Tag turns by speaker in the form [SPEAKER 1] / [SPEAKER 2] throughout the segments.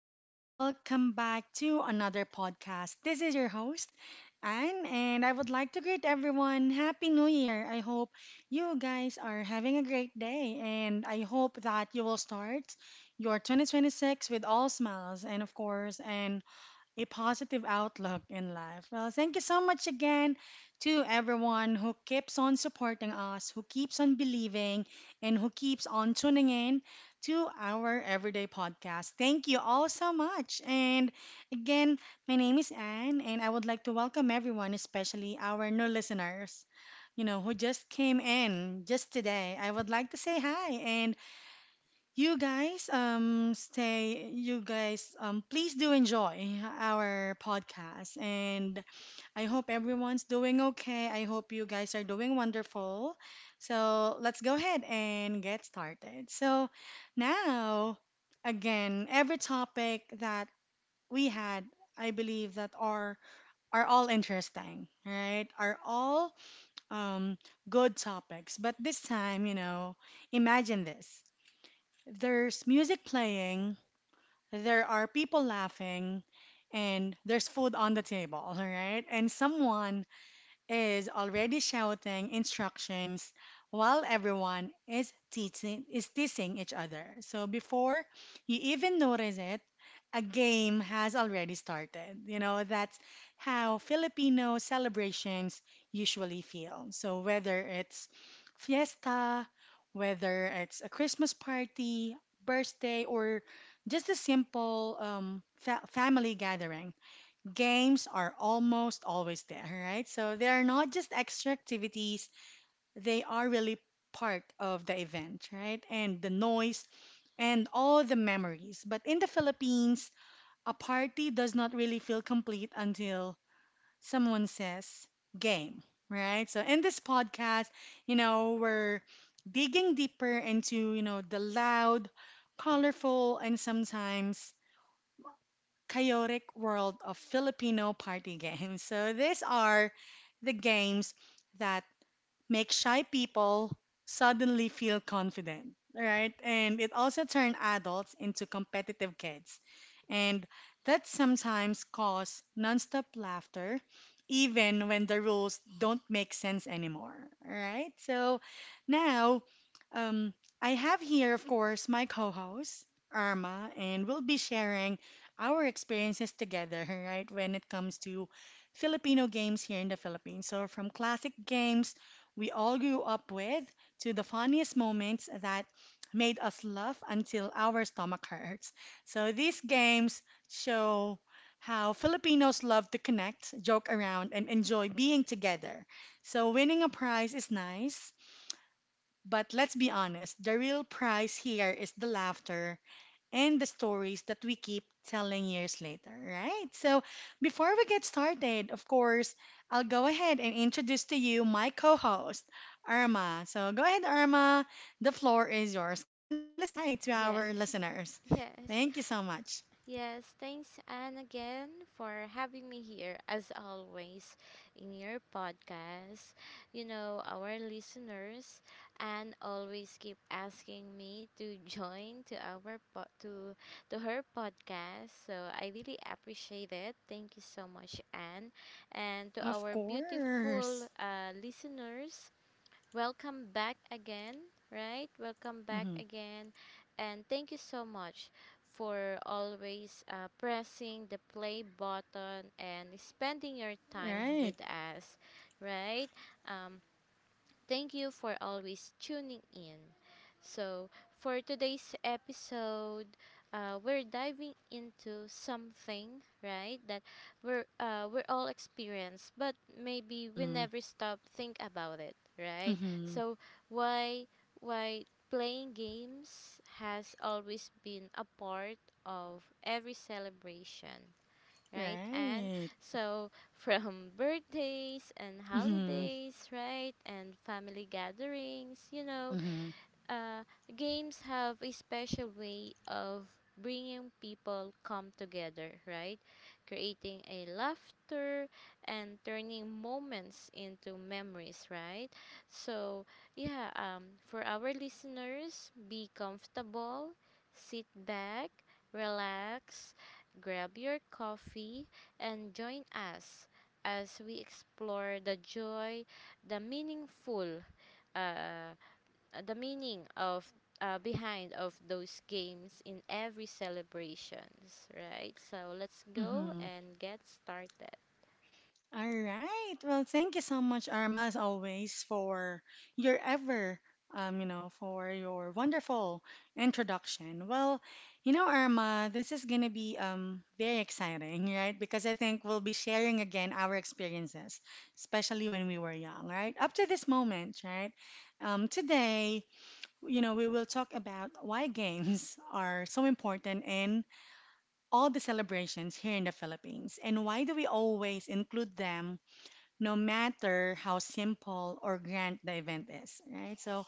[SPEAKER 1] everyone. Welcome back to another podcast. This is your host, Anne, and I would like to greet everyone. Happy New Year. I hope you guys are having a great day, and I hope that you will start your 2026 with all smiles and, of course, an a positive outlook in life. Well, thank you so much again to everyone who keeps on supporting us, who keeps on believing, and who keeps on tuning in to our everyday podcast. Thank you all so much. And again, my name is Anne, and I would like to welcome everyone, especially our new listeners who just came in just today. I would like to say hi. And you guys, stay. You guys, please do enjoy our podcast, and I hope everyone's doing okay. I hope you guys are doing wonderful. So let's go ahead and get started. So now, again, every topic that we had, I believe that are all interesting, right? Are all um good topics. But this time, you know, imagine this. There's music playing, there are people laughing, and there's food on the table, all right? And someone is already shouting instructions while everyone is teasing each other. So before you even notice it, a game has already started. You know, that's how Filipino celebrations usually feel. So whether it's fiesta, whether it's a Christmas party, birthday, or just a simple family gathering, games are almost always there, right? So they are not just extra activities, they are really part of the event, right? And the noise and all the memories. But in the Philippines, a party does not really feel complete until someone says game, right? So in this podcast, you know, we're digging deeper into, you know, the loud, colorful, and sometimes chaotic world of Filipino party games. So these are the games that make shy people suddenly feel confident, right? And it also turned adults into competitive kids. And that sometimes cause nonstop laughter, even when the rules don't make sense anymore, right? So now, um, I have here, of course, my co host, Arma, and we'll be sharing our experiences together, right, when it comes to Filipino games here in the Philippines. So, from classic games we all grew up with to the funniest moments that made us laugh until our stomach hurts. So these games show how Filipinos love to connect, joke around, and enjoy being together. So winning a prize is nice, but let's be honest, the real prize here is the laughter and the stories that we keep telling years later, right? So, before we get started, of course, I'll go ahead and introduce to you my co host, Irma. So, go ahead, Irma. The floor is yours. Kindly say hi to our
[SPEAKER 2] Yes.
[SPEAKER 1] listeners.
[SPEAKER 2] Yes.
[SPEAKER 1] Thank you so much.
[SPEAKER 2] Yes. Thanks, Anne, again for having me here, as always, in your podcast. You know, our listeners, and always keep asking me to join to our po- to her podcast. So I really appreciate it. Thank you so much, Anne, and to
[SPEAKER 1] Of
[SPEAKER 2] our beautiful
[SPEAKER 1] course.
[SPEAKER 2] listeners. Welcome back again, right? Welcome back
[SPEAKER 1] Hmm.
[SPEAKER 2] again. And thank you so much for always pressing the play button and spending your time
[SPEAKER 1] Right.
[SPEAKER 2] with us, right? Um, Thank you for always tuning in. So, for today's episode, we're diving into something, right, that we're all experienced, but maybe we
[SPEAKER 1] Mm-hmm.
[SPEAKER 2] never stop think about it, right?
[SPEAKER 1] Mm-hmm.
[SPEAKER 2] So, why, why playing games has always been a part of every celebration, right? And
[SPEAKER 1] Right.
[SPEAKER 2] so from birthdays and
[SPEAKER 1] Mm-hmm.
[SPEAKER 2] holidays, right? And family gatherings, you know,
[SPEAKER 1] Mm-hmm.
[SPEAKER 2] uh, games have a special way of bringing people come together, right? Creating a laughter and turning moments into memories, right? So, yeah, for our listeners, be comfortable, sit back, relax, grab your coffee, and join us as we explore the joy, the meaningful. Uh, the meaning of behind of those games in every celebrations, right? So let's go
[SPEAKER 1] Mm-hmm.
[SPEAKER 2] and get started.
[SPEAKER 1] All right. Well, thank you so much, Arma, as always, for your ever, for your wonderful introduction. Well, you know, Arma, this is gonna be very exciting, right? Because I think we'll be sharing again our experiences, especially when we were young, right? Up to this moment, right? Today, you know, we will talk about why games are so important in all the celebrations here in the Philippines, and why do we always include them no matter how simple or grand the event is, right? So,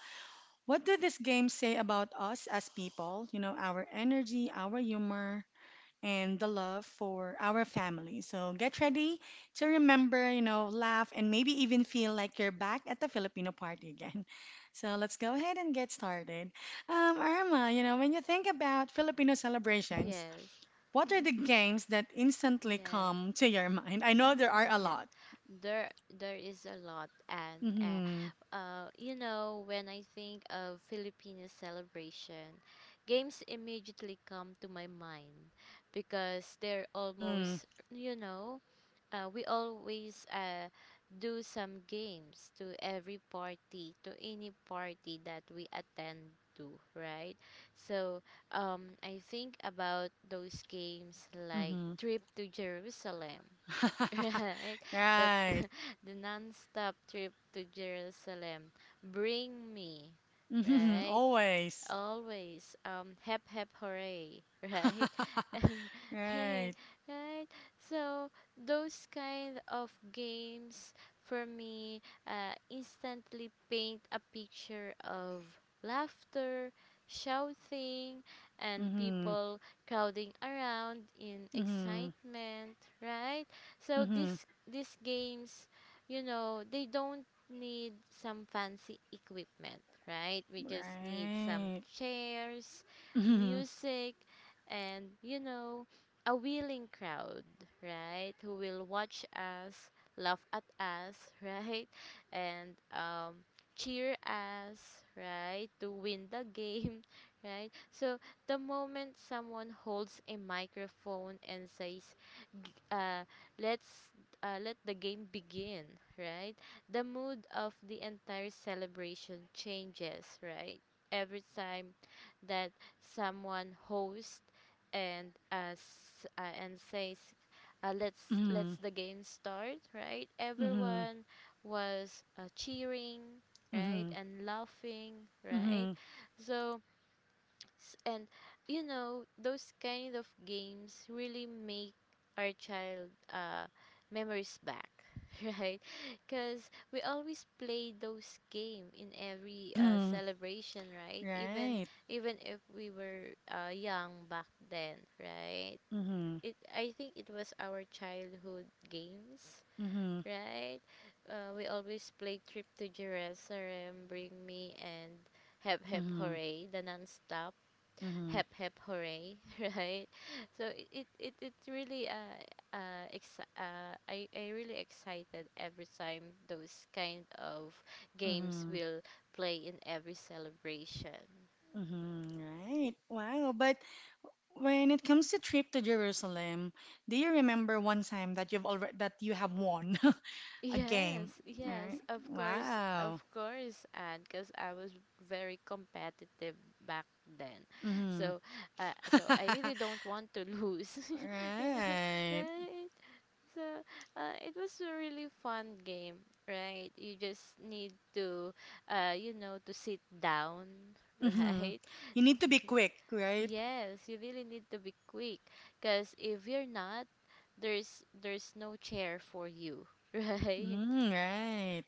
[SPEAKER 1] what do these games say about us as people? You know, our energy, our humor, and the love for our family. So, get ready to remember, you know, laugh, and maybe even feel like you're back at the Filipino party again. So, let's go ahead and get started. Irma, you know, when you think about Filipino celebrations,
[SPEAKER 2] Yes.
[SPEAKER 1] what are the games that instantly come
[SPEAKER 2] Yes.
[SPEAKER 1] to your mind? I know there are a
[SPEAKER 2] Yeah.
[SPEAKER 1] lot.
[SPEAKER 2] There is a lot and
[SPEAKER 1] Mm-hmm.
[SPEAKER 2] you know, when I think of Filipino celebration, games immediately come to my mind because they're
[SPEAKER 1] Mm-hmm.
[SPEAKER 2] almost, you know, we always do some games to every party to any party that we attend to, right? So I think about those games like
[SPEAKER 1] Mm-hmm.
[SPEAKER 2] Trip to Jerusalem, right? That
[SPEAKER 1] Right.
[SPEAKER 2] the non-stop Trip to Jerusalem, Bring Me,
[SPEAKER 1] Mm-hmm.
[SPEAKER 2] right?
[SPEAKER 1] Always.
[SPEAKER 2] Always, Hep Hep Hooray, right. And right.
[SPEAKER 1] Right.
[SPEAKER 2] Right. So those kind of games for me, instantly paint a picture of laughter, shouting, and
[SPEAKER 1] Mm-hmm.
[SPEAKER 2] people crowding around in
[SPEAKER 1] Mm-hmm.
[SPEAKER 2] excitement, right? So
[SPEAKER 1] Mm-hmm.
[SPEAKER 2] these games, you know, they don't need some fancy equipment, right? We just need some
[SPEAKER 1] Right.
[SPEAKER 2] chairs,
[SPEAKER 1] Mm-hmm.
[SPEAKER 2] music, and, you know, a willing crowd, right? Who will watch us, laugh at us, right? And cheer us, right? To win the game, right? So the moment someone holds a microphone and says, uh, "Let's let the game begin," right? The mood of the entire celebration changes, right? Every time that someone hosts and as, and says, "Let's
[SPEAKER 1] Mm-hmm.
[SPEAKER 2] the game start," right?
[SPEAKER 1] Mm-hmm.
[SPEAKER 2] Everyone was, cheering, right,
[SPEAKER 1] Mm-hmm.
[SPEAKER 2] and laughing, right?
[SPEAKER 1] Mm-hmm.
[SPEAKER 2] So and, you know, those kind of games really make our child, memories back, right? Because we always play those game in every
[SPEAKER 1] Mm-hmm.
[SPEAKER 2] celebration, right? Even
[SPEAKER 1] Right.
[SPEAKER 2] even if we were young back then, right?
[SPEAKER 1] Mm-hmm.
[SPEAKER 2] It I think it was our childhood games,
[SPEAKER 1] Mm-hmm.
[SPEAKER 2] right? We always play Trip to Jerusalem, Bring Me, and Hep Hep
[SPEAKER 1] Mm-hmm.
[SPEAKER 2] Hooray, the non-stop
[SPEAKER 1] Mm-hmm.
[SPEAKER 2] Hep Hep Hooray, right? So it really I really excited every time those kind of games
[SPEAKER 1] Mm-hmm.
[SPEAKER 2] will play in every celebration.
[SPEAKER 1] Mm-hmm. Right. Wow. But when it comes to trip to Jerusalem, do you remember one time that you've already that you have won a
[SPEAKER 2] Yes,
[SPEAKER 1] game?
[SPEAKER 2] yes,
[SPEAKER 1] Right.
[SPEAKER 2] of course, of
[SPEAKER 1] Wow.
[SPEAKER 2] course, and because I was very competitive back then.
[SPEAKER 1] Mm-hmm.
[SPEAKER 2] So, so I really don't want to lose, you know,
[SPEAKER 1] Right.
[SPEAKER 2] right? So, it was a really fun game, right? You just need to, you know, to sit down,
[SPEAKER 1] Mm-hmm.
[SPEAKER 2] right?
[SPEAKER 1] You need to be quick, right?
[SPEAKER 2] Yes, you really need to be quick, because if you're not, there's no chair for you, right?
[SPEAKER 1] Mm, right.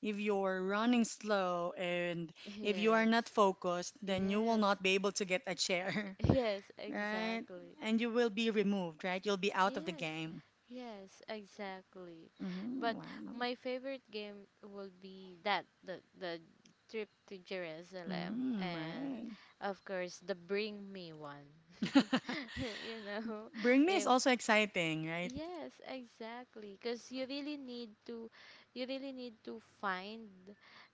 [SPEAKER 1] If you're running slow and if you are not
[SPEAKER 2] Yes,
[SPEAKER 1] focused, then you will
[SPEAKER 2] yes,
[SPEAKER 1] not be able to get a chair,
[SPEAKER 2] yes,
[SPEAKER 1] right?
[SPEAKER 2] exactly.
[SPEAKER 1] And you will be removed, right? You'll be out of the
[SPEAKER 2] Yes,
[SPEAKER 1] game.
[SPEAKER 2] yes, exactly.
[SPEAKER 1] Mm,
[SPEAKER 2] But
[SPEAKER 1] wow.
[SPEAKER 2] my favorite game will be that the Trip to Jerusalem
[SPEAKER 1] Mm,
[SPEAKER 2] and
[SPEAKER 1] right.
[SPEAKER 2] of course the Bring Me one. You know,
[SPEAKER 1] Bring me is
[SPEAKER 2] if...
[SPEAKER 1] also exciting, right?
[SPEAKER 2] Yes, exactly. Because you really need to, you really need to find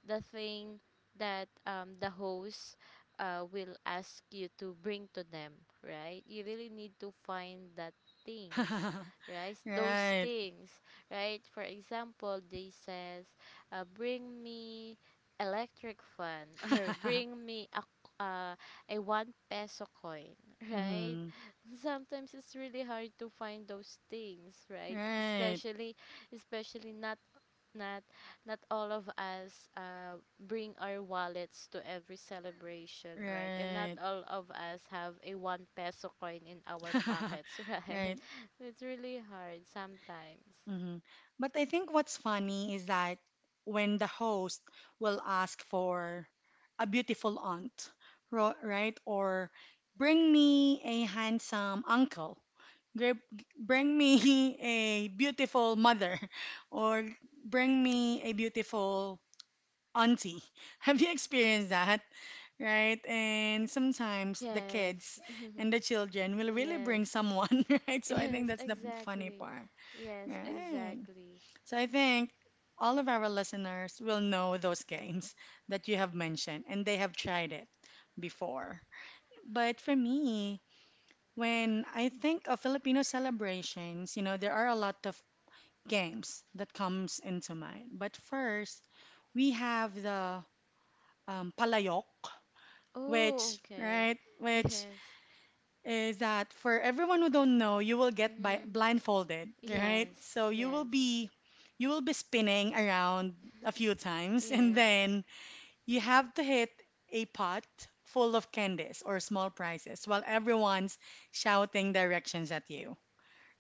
[SPEAKER 2] the thing that, the host will ask you to bring to them, right? You really need to find that things, right? Those
[SPEAKER 1] Right.
[SPEAKER 2] things, right? For example, they says, bring me electric fan, or bring me a one peso coin, right?
[SPEAKER 1] Mm,
[SPEAKER 2] Sometimes it's really hard to find those things, right?
[SPEAKER 1] right.
[SPEAKER 2] Especially especially not not not all of us bring our wallets to every celebration, right? And not
[SPEAKER 1] Right.
[SPEAKER 2] all of us have a one peso coin in our pockets, right?
[SPEAKER 1] Right.
[SPEAKER 2] It's really hard sometimes.
[SPEAKER 1] Hmm. But I think what's funny is that when the host will ask for a beautiful aunt, ro- right? Or bring me a handsome uncle, Gr- bring me a beautiful mother, or bring me a beautiful auntie. Have you experienced that, right? And sometimes the
[SPEAKER 2] Yes.
[SPEAKER 1] kids and the children will really bring
[SPEAKER 2] Yes,
[SPEAKER 1] someone, right? So I think
[SPEAKER 2] yes,
[SPEAKER 1] that's the funny
[SPEAKER 2] exactly.
[SPEAKER 1] part,
[SPEAKER 2] Yes,
[SPEAKER 1] right?
[SPEAKER 2] exactly.
[SPEAKER 1] So I think all of our listeners will know those games that you have mentioned and they have tried it before. But for me, when I think of Filipino celebrations, you know, there are a lot of games that comes into mind. But first, we have the palayok,
[SPEAKER 2] Oh,
[SPEAKER 1] which,
[SPEAKER 2] okay.
[SPEAKER 1] right, which
[SPEAKER 2] Yes.
[SPEAKER 1] is that, for everyone who don't know, you will get by
[SPEAKER 2] Mm-hmm.
[SPEAKER 1] blindfolded, right?
[SPEAKER 2] Yes,
[SPEAKER 1] So
[SPEAKER 2] yes,
[SPEAKER 1] you will be spinning around a few times and
[SPEAKER 2] yes.
[SPEAKER 1] then you have to hit a pot full of candies or small prizes while everyone's shouting directions at you.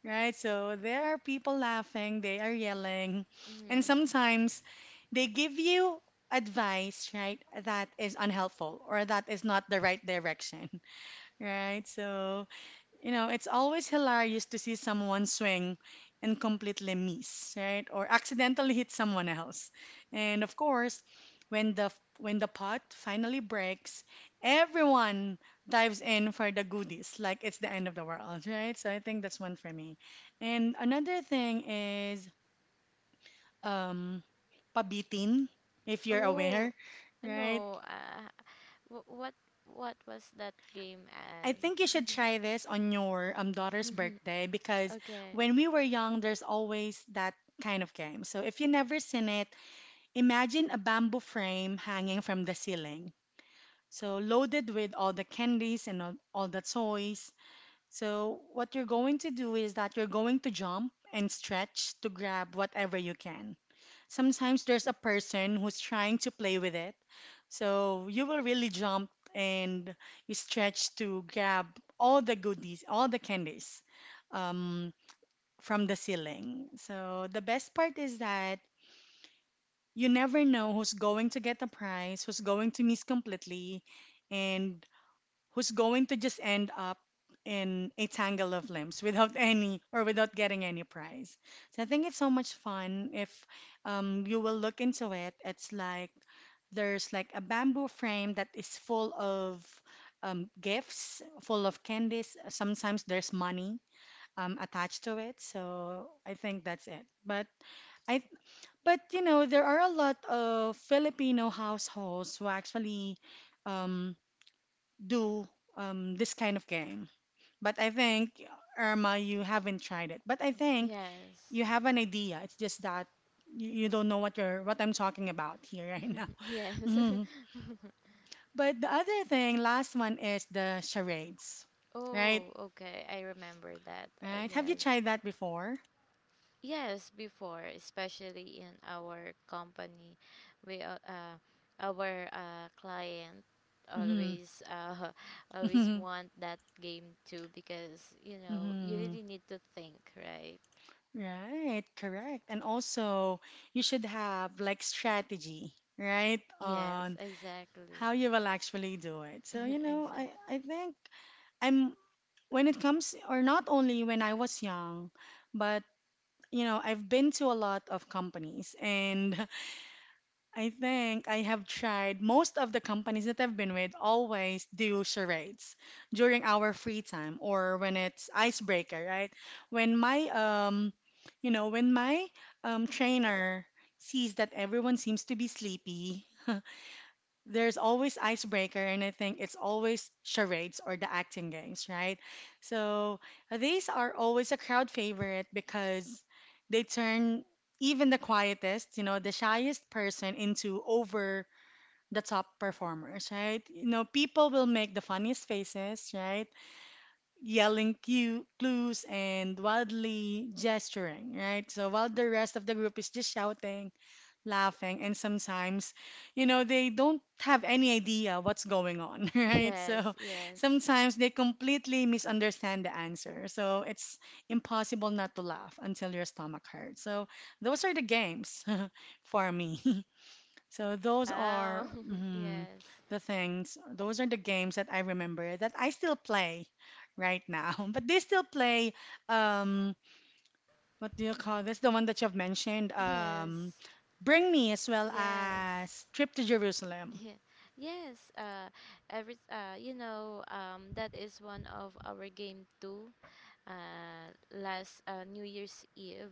[SPEAKER 1] Right? So there are people laughing, they are yelling, and
[SPEAKER 2] Mm-hmm.
[SPEAKER 1] sometimes they give you advice, right, that is unhelpful or that is not the right direction, right? So you know, it's always hilarious to see someone swing and completely miss, right? Or accidentally hit someone else. And of course, when the when the pot finally breaks, everyone dives in for the goodies, like it's the end of the world, right? So I think that's one for me. And another thing is um pabitin, if you're
[SPEAKER 2] Oh,
[SPEAKER 1] aware, right?
[SPEAKER 2] no. Wh- what what was that game,
[SPEAKER 1] I
[SPEAKER 2] Anne?
[SPEAKER 1] think you should try this on your daughter's birthday because
[SPEAKER 2] Okay.
[SPEAKER 1] when we were young, there's always that kind of game. So if you never seen it, imagine a bamboo frame hanging from the ceiling, so loaded with all the candies and all the toys. So what you're going to do is that you're going to jump and stretch to grab whatever you can. Sometimes there's a person who's trying to play with it, so you will really jump and you stretch to grab all the goodies, all the candies um, from the ceiling. So the best part is that you never know who's going to get the prize, who's going to miss completely, and who's going to just end up in a tangle of limbs without any or without getting any prize. So I think it's so much fun if you will look into it. It's like there's like a bamboo frame that is full of gifts, full of candies. Sometimes there's money attached to it. So I think that's it. I but you know, there are a lot of Filipino households who actually um, do this kind of game. But I think, Irma, you haven't tried it. But I think
[SPEAKER 2] Yes.
[SPEAKER 1] you have an idea. It's just that you don't know what you're what I'm talking about here right now.
[SPEAKER 2] Yes.
[SPEAKER 1] Mhm. But the other thing, last one is the charades, right?
[SPEAKER 2] Oh, okay. I remember that.
[SPEAKER 1] Right? Have you
[SPEAKER 2] Yes.
[SPEAKER 1] tried that before?
[SPEAKER 2] Yes, before, especially in our company, we al- uh, our client
[SPEAKER 1] Hmm.
[SPEAKER 2] always always
[SPEAKER 1] Hmm.
[SPEAKER 2] want that game too because, you know, you really need to think, right?
[SPEAKER 1] Right, correct. And also, you should have like strategy, right,
[SPEAKER 2] Yes,
[SPEAKER 1] on
[SPEAKER 2] exactly,
[SPEAKER 1] how you will actually do it. So, you know, I,
[SPEAKER 2] exactly.
[SPEAKER 1] I think I'm when it comes, or not only when I was young, but you know, I've been to a lot of companies, and I think I have tried most of the companies that I've been with always do charades during our free time or when it's icebreaker, right? When my you know, when my trainer sees that everyone seems to be sleepy, there's always icebreaker, and I think it's always charades or the acting games, right? So these are always a crowd favorite because they turn even the quietest, you know, the shyest person into over the top performers, right? You know, people will make the funniest faces, right, yelling cue, clues, and wildly gesturing, right? So while the rest of the group is just shouting, laughing, and sometimes, you know, they don't have any idea what's going on, right? So
[SPEAKER 2] Yes, yes.
[SPEAKER 1] sometimes they completely misunderstand the answer. So it's impossible not to laugh until your stomach hurts. So those are the games for me. So those
[SPEAKER 2] Wow.
[SPEAKER 1] are mm,
[SPEAKER 2] Yes,
[SPEAKER 1] the things, those are the games that I remember that I still play right now. But they still play um, what do you call this? The one that you've mentioned.
[SPEAKER 2] yes,
[SPEAKER 1] Bring Me as well
[SPEAKER 2] yes.
[SPEAKER 1] as Trip to Jerusalem.
[SPEAKER 2] Yeah. Yes. That is one of our game too, uh, last New Year's Eve,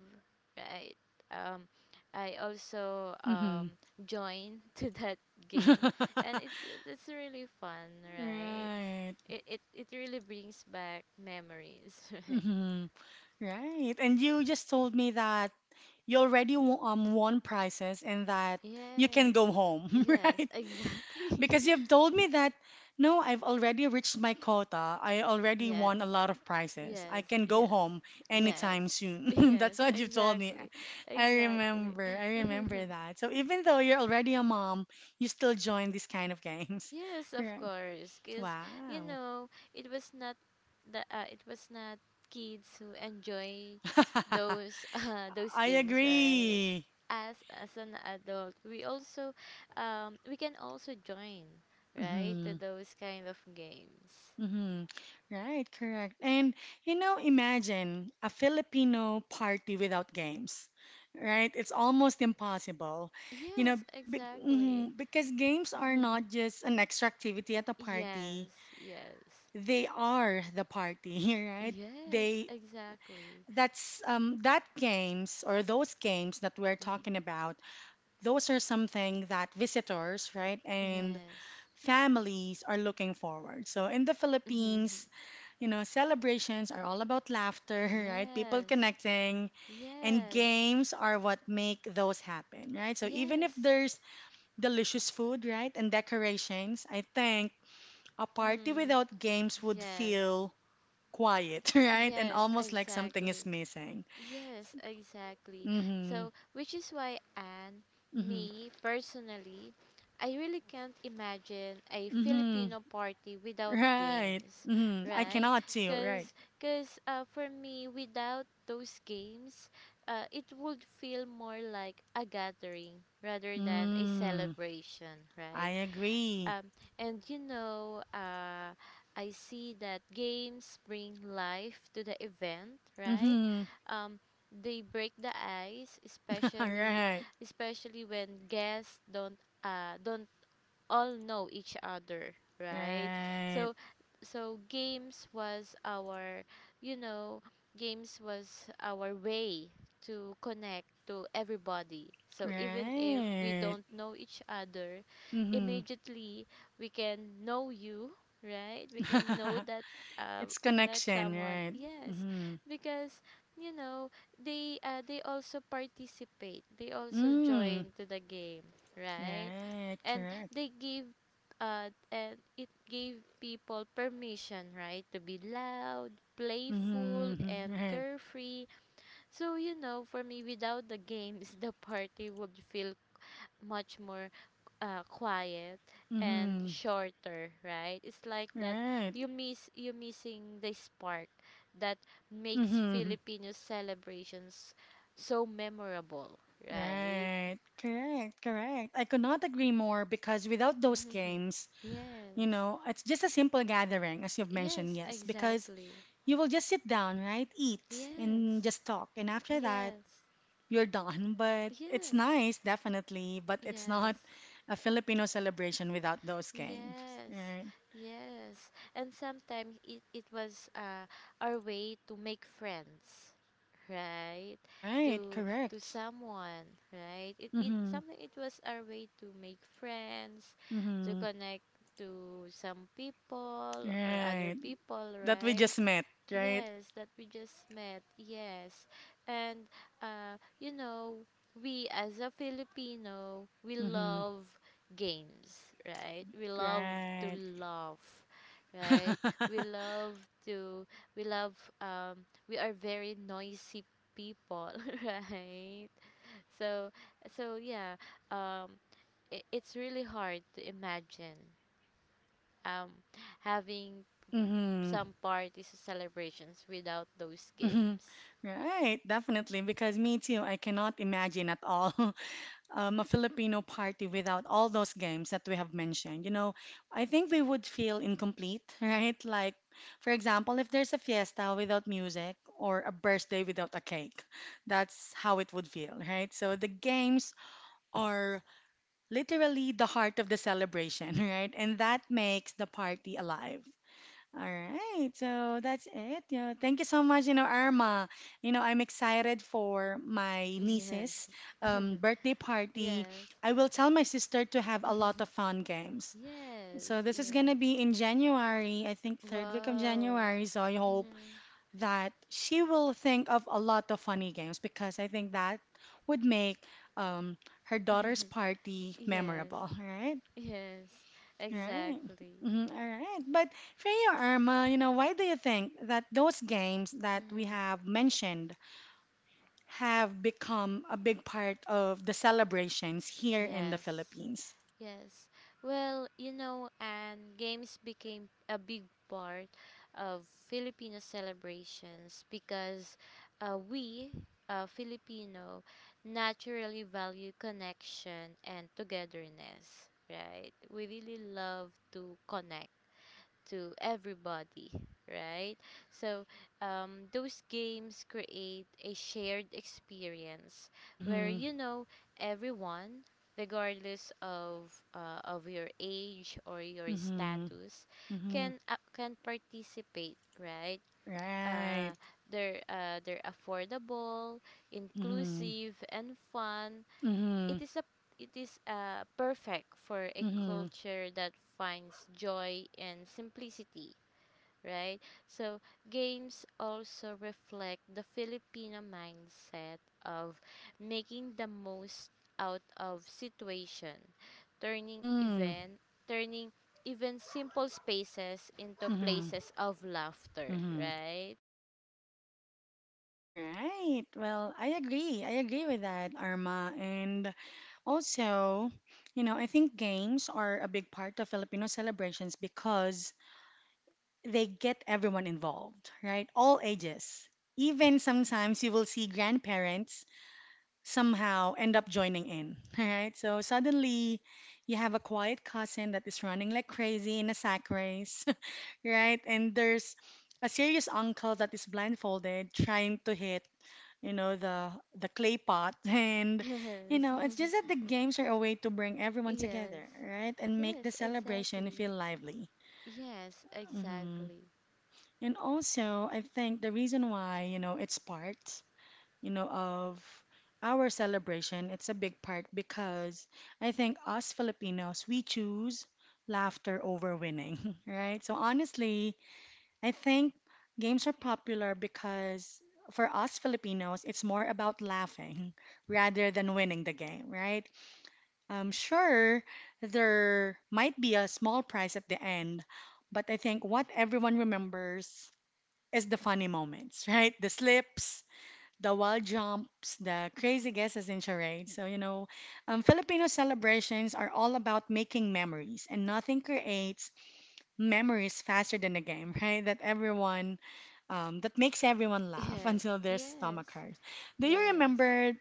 [SPEAKER 2] right? Um, I also
[SPEAKER 1] Hmm.
[SPEAKER 2] joined to that game, and it's really fun, right?
[SPEAKER 1] Right.
[SPEAKER 2] It really brings back memories, right?
[SPEAKER 1] Hmm. Right. And you just told me that you already won prizes and that you can
[SPEAKER 2] Yes,
[SPEAKER 1] go home,
[SPEAKER 2] yes,
[SPEAKER 1] right?
[SPEAKER 2] exactly.
[SPEAKER 1] Because you've told me that, no, I've already reached my quota. I already
[SPEAKER 2] Yes,
[SPEAKER 1] won a lot of prizes. I
[SPEAKER 2] yes,
[SPEAKER 1] can go
[SPEAKER 2] yes,
[SPEAKER 1] home
[SPEAKER 2] yes.
[SPEAKER 1] anytime soon.
[SPEAKER 2] Yes,
[SPEAKER 1] That's what you told me.
[SPEAKER 2] exactly,
[SPEAKER 1] I
[SPEAKER 2] exactly.
[SPEAKER 1] remember. I remember that. So even though you're already a mom, you still join these kind of games.
[SPEAKER 2] Yes, of
[SPEAKER 1] Right.
[SPEAKER 2] course, because, you
[SPEAKER 1] Wow.
[SPEAKER 2] know, it was not the uh, it was not kids who enjoy those, those
[SPEAKER 1] I
[SPEAKER 2] games, right?
[SPEAKER 1] agree.
[SPEAKER 2] As as an adult, we also we can also join, right, to
[SPEAKER 1] Mm-hmm.
[SPEAKER 2] those kind of games.
[SPEAKER 1] Mm-hmm. Right, correct. And you know, imagine a Filipino party without games, right? It's almost impossible. You know,
[SPEAKER 2] Yes, exactly.
[SPEAKER 1] because games are not just an extra activity at a party.
[SPEAKER 2] Yes, yes,
[SPEAKER 1] They are the party, right?
[SPEAKER 2] yes,
[SPEAKER 1] They
[SPEAKER 2] exactly.
[SPEAKER 1] that's that games or those games that we're
[SPEAKER 2] Mm.
[SPEAKER 1] talking about, those are something that visitors, right, and
[SPEAKER 2] Yes.
[SPEAKER 1] families are looking forward. So in the Philippines, you know, celebrations are all about laughter, right? People
[SPEAKER 2] Yes,
[SPEAKER 1] connecting, and
[SPEAKER 2] yes.
[SPEAKER 1] games are what make those happen, right? So even if
[SPEAKER 2] Yes.
[SPEAKER 1] there's delicious food, right, and decorations, I think a party
[SPEAKER 2] Mm.
[SPEAKER 1] without games would
[SPEAKER 2] Yes.
[SPEAKER 1] feel quiet, right? And
[SPEAKER 2] Yes,
[SPEAKER 1] almost like something is
[SPEAKER 2] exactly.
[SPEAKER 1] missing.
[SPEAKER 2] Yes, exactly.
[SPEAKER 1] Mhm.
[SPEAKER 2] So, which is why, Anne,
[SPEAKER 1] Mhm.
[SPEAKER 2] me personally, I really can't imagine a
[SPEAKER 1] Mhm.
[SPEAKER 2] Filipino party without
[SPEAKER 1] Right.
[SPEAKER 2] games,
[SPEAKER 1] Mhm. I
[SPEAKER 2] right?
[SPEAKER 1] cannot see, right?
[SPEAKER 2] Cuz cuz For me, without those games, it would feel more like a gathering rather than a
[SPEAKER 1] Mm.
[SPEAKER 2] celebration,
[SPEAKER 1] I
[SPEAKER 2] right?
[SPEAKER 1] agree.
[SPEAKER 2] Um, and, you know, I see that games bring life to the event, right?
[SPEAKER 1] Mhm.
[SPEAKER 2] Um, they break the ice,
[SPEAKER 1] All
[SPEAKER 2] especially
[SPEAKER 1] right.
[SPEAKER 2] especially when guests don't all know each other, right?
[SPEAKER 1] Right.
[SPEAKER 2] So games was our, you know, way to connect to everybody. So even if we
[SPEAKER 1] Right.
[SPEAKER 2] don't know each other,
[SPEAKER 1] Mm-hmm.
[SPEAKER 2] immediately we can know you, right? We can know that uh,
[SPEAKER 1] It's connection,
[SPEAKER 2] someone,
[SPEAKER 1] right?
[SPEAKER 2] yes,
[SPEAKER 1] Mm-hmm.
[SPEAKER 2] because, you know, they also participate, they also
[SPEAKER 1] Mm.
[SPEAKER 2] join to the game, right?
[SPEAKER 1] Right,
[SPEAKER 2] and
[SPEAKER 1] correct.
[SPEAKER 2] they give and it gave people permission, right, to be loud, playful,
[SPEAKER 1] Mm-hmm.
[SPEAKER 2] and
[SPEAKER 1] Right.
[SPEAKER 2] carefree. So, you know, for me without the games, the party would feel much more quiet and
[SPEAKER 1] Mm-hmm.
[SPEAKER 2] shorter, right? It's like that
[SPEAKER 1] Right.
[SPEAKER 2] you miss you missing the spark that makes
[SPEAKER 1] Mm-hmm.
[SPEAKER 2] Filipino celebrations so memorable, right?
[SPEAKER 1] Right. Correct, correct. I could not agree more because without those games, you
[SPEAKER 2] Yes.
[SPEAKER 1] know, it's just a simple gathering, as you've mentioned,
[SPEAKER 2] Yes,
[SPEAKER 1] yes, because
[SPEAKER 2] exactly.
[SPEAKER 1] you will just sit down, right? Eat and
[SPEAKER 2] Yes,
[SPEAKER 1] just talk. And after that,
[SPEAKER 2] yes,
[SPEAKER 1] you're done. But it's
[SPEAKER 2] yes,
[SPEAKER 1] nice, definitely. But it's not
[SPEAKER 2] yes,
[SPEAKER 1] a Filipino celebration without those games.
[SPEAKER 2] yes,
[SPEAKER 1] Right.
[SPEAKER 2] yes. And sometimes it was our way to make friends, right?
[SPEAKER 1] Right.
[SPEAKER 2] To
[SPEAKER 1] Correct.
[SPEAKER 2] someone, right? It it
[SPEAKER 1] Mm-hmm.
[SPEAKER 2] something it was our way to make friends, to
[SPEAKER 1] Mm-hmm.
[SPEAKER 2] connect to some people or other
[SPEAKER 1] Right.
[SPEAKER 2] people,
[SPEAKER 1] That we
[SPEAKER 2] right?
[SPEAKER 1] just met. Right.
[SPEAKER 2] Yes, that we just met. Yes. And you know, we as a Filipino, we
[SPEAKER 1] Mm-hmm.
[SPEAKER 2] love games, right? We love to
[SPEAKER 1] Right.
[SPEAKER 2] laugh, right? We love to we love We are very noisy people, right? So so, yeah, um I it's really hard to imagine um having
[SPEAKER 1] Mm-hmm.
[SPEAKER 2] some parties or celebrations without those
[SPEAKER 1] Mm-hmm.
[SPEAKER 2] games.
[SPEAKER 1] Right, definitely. Because me too, I cannot imagine at all a Filipino party without all those games that we have mentioned, you know, I think we would feel incomplete, right? Like, for example, if there's a fiesta without music or a birthday without a cake, that's how it would feel, right? So the games are literally the heart of the celebration, right? And that makes the party alive. All right, so that's it. You know, thank you so much, you know, Arma. You know, I'm excited for my
[SPEAKER 2] Yes.
[SPEAKER 1] niece's birthday party.
[SPEAKER 2] Yes.
[SPEAKER 1] I will tell my sister to have a lot of fun games. So
[SPEAKER 2] Yes.
[SPEAKER 1] this is gonna
[SPEAKER 2] Yes.
[SPEAKER 1] be in January, I think third week of
[SPEAKER 2] Wow.
[SPEAKER 1] January. So I hope
[SPEAKER 2] Mm-hmm.
[SPEAKER 1] that she will think of a lot of funny games because I think that would make um, her daughter's party
[SPEAKER 2] Yes.
[SPEAKER 1] memorable. All right.
[SPEAKER 2] Yes.
[SPEAKER 1] Right.
[SPEAKER 2] Exactly.
[SPEAKER 1] Mhm, all right. But for you, Irma, you know, why do you think that those games that we
[SPEAKER 2] Mm-hmm.
[SPEAKER 1] have mentioned have become a big part of the celebrations here in the
[SPEAKER 2] Yes.
[SPEAKER 1] Philippines?
[SPEAKER 2] Yes. Well, you know, and games became a big part of Filipino celebrations because, we, Filipino, naturally value connection and togetherness, right? We really love to connect to everybody, right? So, those games create a shared experience where,
[SPEAKER 1] Mm-hmm.
[SPEAKER 2] you know, everyone, regardless of your age or your
[SPEAKER 1] Mm-hmm.
[SPEAKER 2] status,
[SPEAKER 1] Mm-hmm.
[SPEAKER 2] can participate, right?
[SPEAKER 1] Right.
[SPEAKER 2] Uh, they're affordable,
[SPEAKER 1] Mm-hmm.
[SPEAKER 2] inclusive, and fun.
[SPEAKER 1] Mm-hmm.
[SPEAKER 2] It is a it is, perfect for a
[SPEAKER 1] Mm-hmm.
[SPEAKER 2] culture that finds joy in simplicity, right? So games also reflect the Filipino mindset of making the most out of situation, turning
[SPEAKER 1] Mm.
[SPEAKER 2] event, turning even simple spaces into
[SPEAKER 1] Mm-hmm.
[SPEAKER 2] places of laughter,
[SPEAKER 1] Mm-hmm.
[SPEAKER 2] right?
[SPEAKER 1] Right. Well, I agree. I agree with that, Arma. And also, you know, I think games are a big part of Filipino celebrations because they get everyone involved, right? All ages. Even sometimes you will see grandparents somehow end up joining in, right? So suddenly you have a quiet cousin that is running like crazy in a sack race, right? And there's a serious uncle that is blindfolded trying to hit you know the clay pot, and you
[SPEAKER 2] Yes.
[SPEAKER 1] know it's just that the games are a way to bring everyone
[SPEAKER 2] Yes.
[SPEAKER 1] together, right, and make the
[SPEAKER 2] Yes,
[SPEAKER 1] celebration
[SPEAKER 2] exactly.
[SPEAKER 1] feel lively.
[SPEAKER 2] Yes,
[SPEAKER 1] Hmm.
[SPEAKER 2] exactly.
[SPEAKER 1] And also I think the reason why, you know, it's part, you know, of our celebration, it's a big part, because I think us Filipinos we choose laughter over winning, right? So honestly I think games are popular because for us Filipinos, it's more about laughing rather than winning the game, right? Sure, there might be a small prize at the end, but I think what everyone remembers is the funny moments, right? The slips, the wild jumps, the crazy guesses in charades. So, you know, Filipino celebrations are all about making memories, and nothing creates memories faster than a game, right? That makes everyone laugh
[SPEAKER 2] Yes.
[SPEAKER 1] until their stomach
[SPEAKER 2] Yes.
[SPEAKER 1] hurts. Do you
[SPEAKER 2] Yes.
[SPEAKER 1] remember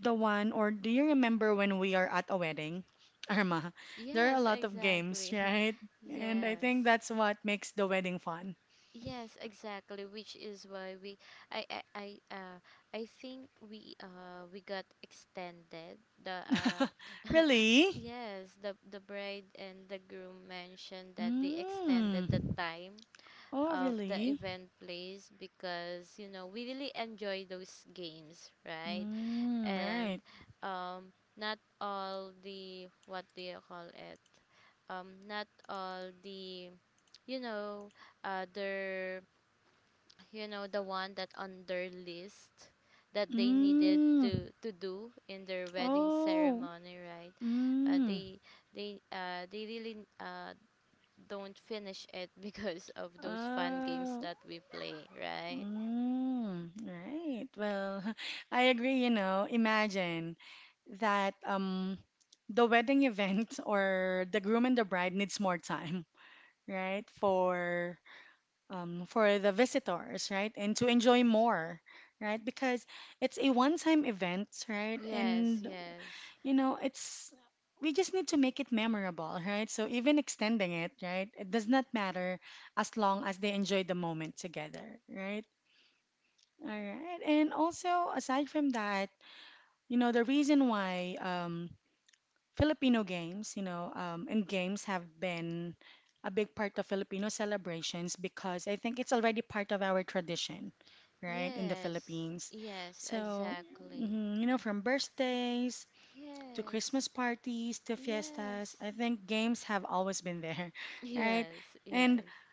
[SPEAKER 1] the one, or do you remember when we are at a wedding, Irma? There are a
[SPEAKER 2] Yes,
[SPEAKER 1] lot of games,
[SPEAKER 2] exactly.
[SPEAKER 1] right? And I think
[SPEAKER 2] Yes.
[SPEAKER 1] that's what makes the wedding fun.
[SPEAKER 2] Yes, exactly, which is why we I I, I uh I think we got extended the
[SPEAKER 1] Really?
[SPEAKER 2] yes, the bride and the groom mentioned that they
[SPEAKER 1] Mm.
[SPEAKER 2] extended the time
[SPEAKER 1] Oh,
[SPEAKER 2] of the
[SPEAKER 1] really?
[SPEAKER 2] event place because, you know, we really enjoy those games, right?
[SPEAKER 1] Mm,
[SPEAKER 2] And
[SPEAKER 1] right.
[SPEAKER 2] not all the, what do you call it? Not all the, you know, other, you know, the one that on their list that they needed
[SPEAKER 1] Mm.
[SPEAKER 2] to do in their wedding
[SPEAKER 1] Oh.
[SPEAKER 2] ceremony, right? uh,
[SPEAKER 1] Mm.
[SPEAKER 2] they they really don't finish it, because of those fun games
[SPEAKER 1] Oh.
[SPEAKER 2] that we play, right?
[SPEAKER 1] Mm, right. Well, I agree, you know. Imagine that the wedding event or the groom and the bride needs more time, right? For the visitors, right? And to enjoy more, right? Because it's a one-time event, right?
[SPEAKER 2] Yes,
[SPEAKER 1] And
[SPEAKER 2] yes,
[SPEAKER 1] you know, it's we just need to make it memorable, right? So even extending it, right? It does not matter as long as they enjoy the moment together, right? All right. And also, aside from that, you know, the reason why Filipino games, you know, and games have been a big part of Filipino celebrations, because I think it's already part of our tradition, right, in the
[SPEAKER 2] yes,
[SPEAKER 1] Philippines.
[SPEAKER 2] yes,
[SPEAKER 1] So,
[SPEAKER 2] exactly.
[SPEAKER 1] mhm, you know, from birthdays to
[SPEAKER 2] Yes,
[SPEAKER 1] Christmas parties to
[SPEAKER 2] yes,
[SPEAKER 1] fiestas, I think games have always been there, right?
[SPEAKER 2] yes,
[SPEAKER 1] And
[SPEAKER 2] yes,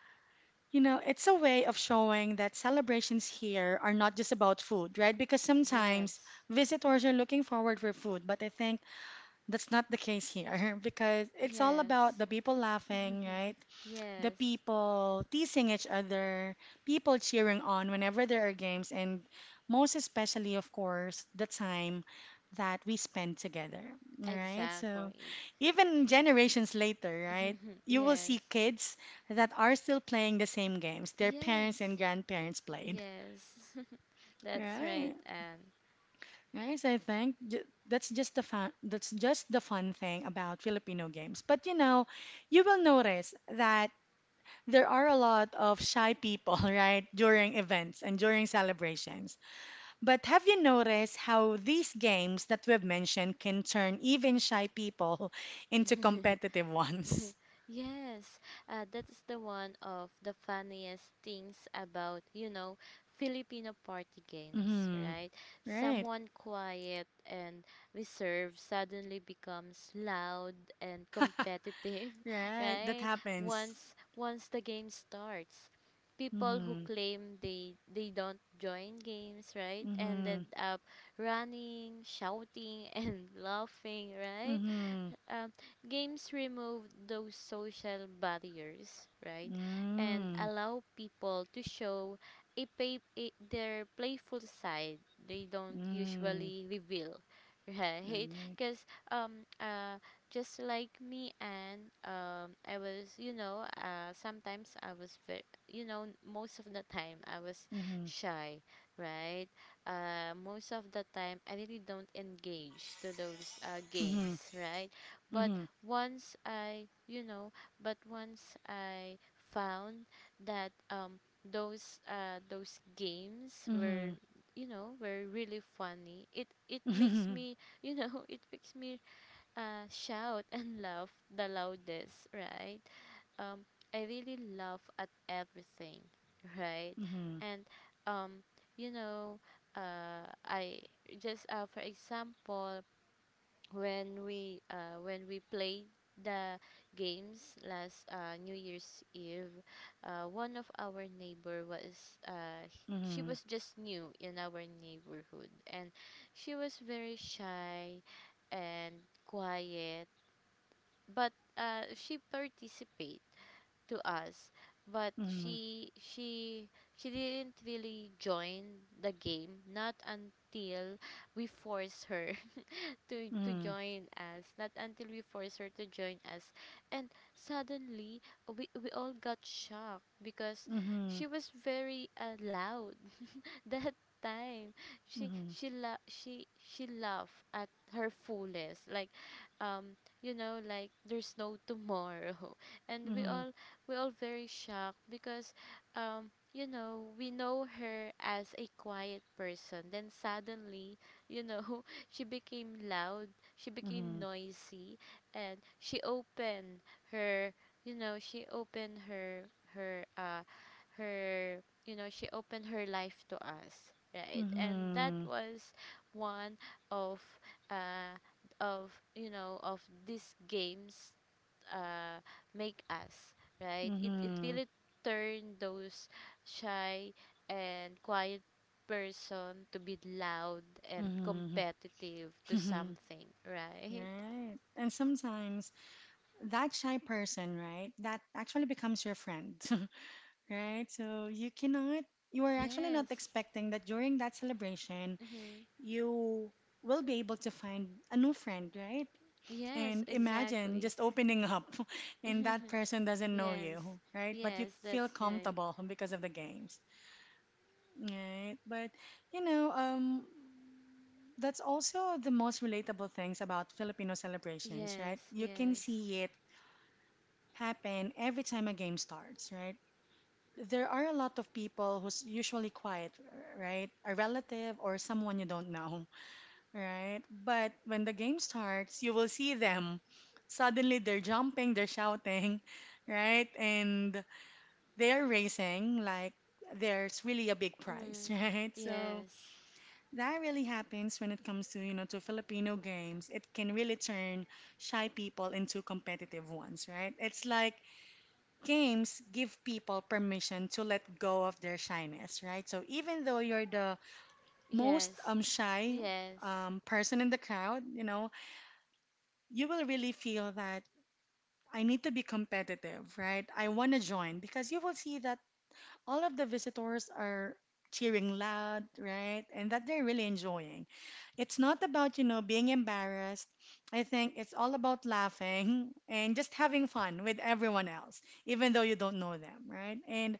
[SPEAKER 1] you know, it's a way of showing that celebrations here are not just about food, right? Because sometimes
[SPEAKER 2] yes,
[SPEAKER 1] visitors are looking forward for food, but I think that's not the case here because it's all about
[SPEAKER 2] yes.
[SPEAKER 1] the people laughing, right? The
[SPEAKER 2] Yes,
[SPEAKER 1] people teasing each other, people cheering on whenever there are games, and most especially, of course, the time that we spend together, right? So,
[SPEAKER 2] exactly.
[SPEAKER 1] even generations later, right? You will
[SPEAKER 2] Yes.
[SPEAKER 1] see kids that are still playing the same games their parents and
[SPEAKER 2] Yes.
[SPEAKER 1] grandparents played,
[SPEAKER 2] Yes. That's
[SPEAKER 1] right?
[SPEAKER 2] right, Anne.
[SPEAKER 1] Right, so I think that's just the fun. That's just the fun thing about Filipino games. But you know, you will notice that there are a lot of shy people, right, during events and during celebrations. But have you noticed how these games that we've mentioned can turn even shy people into competitive ones?
[SPEAKER 2] Yes, that's the one of the funniest things about, you know, Filipino party games,
[SPEAKER 1] Mm-hmm.
[SPEAKER 2] right?
[SPEAKER 1] Right,
[SPEAKER 2] Someone quiet and reserved suddenly becomes loud and competitive,
[SPEAKER 1] right. That
[SPEAKER 2] right?
[SPEAKER 1] happens.
[SPEAKER 2] Once the game starts. People who
[SPEAKER 1] Mm-hmm.
[SPEAKER 2] claim they don't join games, right?
[SPEAKER 1] Mm-hmm.
[SPEAKER 2] Ended up running, shouting, and laughing, right?
[SPEAKER 1] Mm-hmm.
[SPEAKER 2] um, Games remove those social barriers, right? And
[SPEAKER 1] Mm-hmm.
[SPEAKER 2] allow people to show their playful side they don't
[SPEAKER 1] Mm-hmm.
[SPEAKER 2] usually reveal, right?
[SPEAKER 1] Right.
[SPEAKER 2] Because um, uh, just like me and I was, sometimes I was very, most of the time I was
[SPEAKER 1] Mm-hmm.
[SPEAKER 2] shy, right? Most of the time I really don't engage to those
[SPEAKER 1] Mm-hmm.
[SPEAKER 2] games, right? But
[SPEAKER 1] Mm-hmm.
[SPEAKER 2] once I, you know, but once I found that those games were
[SPEAKER 1] Mm-hmm.
[SPEAKER 2] were really funny. It makes
[SPEAKER 1] Mm-hmm.
[SPEAKER 2] me it makes me shout and laugh the loudest, right? Um, I really laugh at everything, right?
[SPEAKER 1] Mm-hmm.
[SPEAKER 2] And um, you know, I just for example, when we when we played the games last New Year's Eve, one of our neighbor was she
[SPEAKER 1] Mm-hmm.
[SPEAKER 2] was just new in our neighborhood, and she was very shy and quiet, but she participate to us, but she didn't really join the game not until we force her to
[SPEAKER 1] Mm-hmm.
[SPEAKER 2] join us, not until we force her to join us. And suddenly, we all got shocked because
[SPEAKER 1] Mm-hmm.
[SPEAKER 2] she was very loud that time
[SPEAKER 1] Mm-hmm.
[SPEAKER 2] she la- she laughed at her fullest, like um like there's no tomorrow, and
[SPEAKER 1] Mm-hmm.
[SPEAKER 2] we all very shocked because we know her as a quiet person, then suddenly, you know she became loud, she became
[SPEAKER 1] Mhm.
[SPEAKER 2] noisy, and she opened her you know she opened her her uh her she opened her life to us, right? And that
[SPEAKER 1] Mhm.
[SPEAKER 2] was one of, uh of these games, uh make us right. It
[SPEAKER 1] Mhm.
[SPEAKER 2] really turned those shy and quiet person to be loud and
[SPEAKER 1] Mhm.
[SPEAKER 2] competitive
[SPEAKER 1] Mhm.
[SPEAKER 2] to something, right?
[SPEAKER 1] Right. And sometimes that shy person, right, that actually becomes your friend, right? So you cannot, you are actually not
[SPEAKER 2] Yes.
[SPEAKER 1] expecting that during that celebration,
[SPEAKER 2] Mm-hmm.
[SPEAKER 1] you will be able to find a new friend, right?
[SPEAKER 2] Yes,
[SPEAKER 1] And imagine
[SPEAKER 2] exactly.
[SPEAKER 1] just opening up and that person doesn't know
[SPEAKER 2] Yes.
[SPEAKER 1] you, right? But you
[SPEAKER 2] Yes,
[SPEAKER 1] feel
[SPEAKER 2] that's right.
[SPEAKER 1] comfortable because of the games, right? But you know, that's also the most relatable things about Filipino celebrations, right?
[SPEAKER 2] Yes,
[SPEAKER 1] You can
[SPEAKER 2] yes.
[SPEAKER 1] see it happen every time a game starts, right? There are a lot of people who's usually quiet, right? A relative or someone you don't know, right? But when the game starts, you will see them. Suddenly they're jumping, they're shouting, right? And they're racing like there's really a big prize,
[SPEAKER 2] Mm.
[SPEAKER 1] right? So
[SPEAKER 2] Yes.
[SPEAKER 1] that really happens when it comes to, you know, to Filipino games. It can really turn shy people into competitive ones, right? It's like games give people permission to let go of their shyness, right? So even though you're the most
[SPEAKER 2] Yes.
[SPEAKER 1] um shy
[SPEAKER 2] Yes.
[SPEAKER 1] um, person in the crowd, you know, you will really feel that I need to be competitive, right? I want to join because you will see that all of the visitors are cheering loud, right? And that they're really enjoying. It's not about, you know, being embarrassed. I think it's all about laughing and just having fun with everyone else, even though you don't know them, right? And,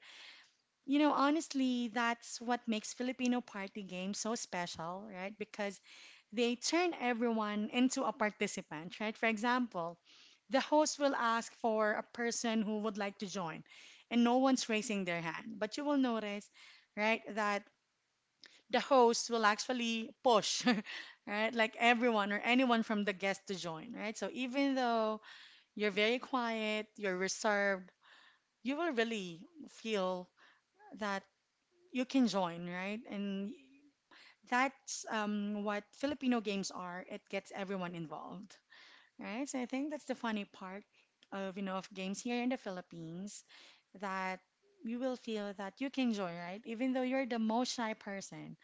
[SPEAKER 1] you know, honestly, that's what makes Filipino party games so special, right? Because they turn everyone into a participant, right? For example, the host will ask for a person who would like to join, and no one's raising their hand. But you will notice, right, that the host will actually push, right, like everyone or anyone from the guest to join, right? So even though you're very quiet, you're reserved, you will really feel that you can join, right? And that's what Filipino games are. It gets everyone involved, right? So I think that's the funny part of, you know, of games here in the Philippines, that you will feel that you can join, right? Even though you're the most shy person,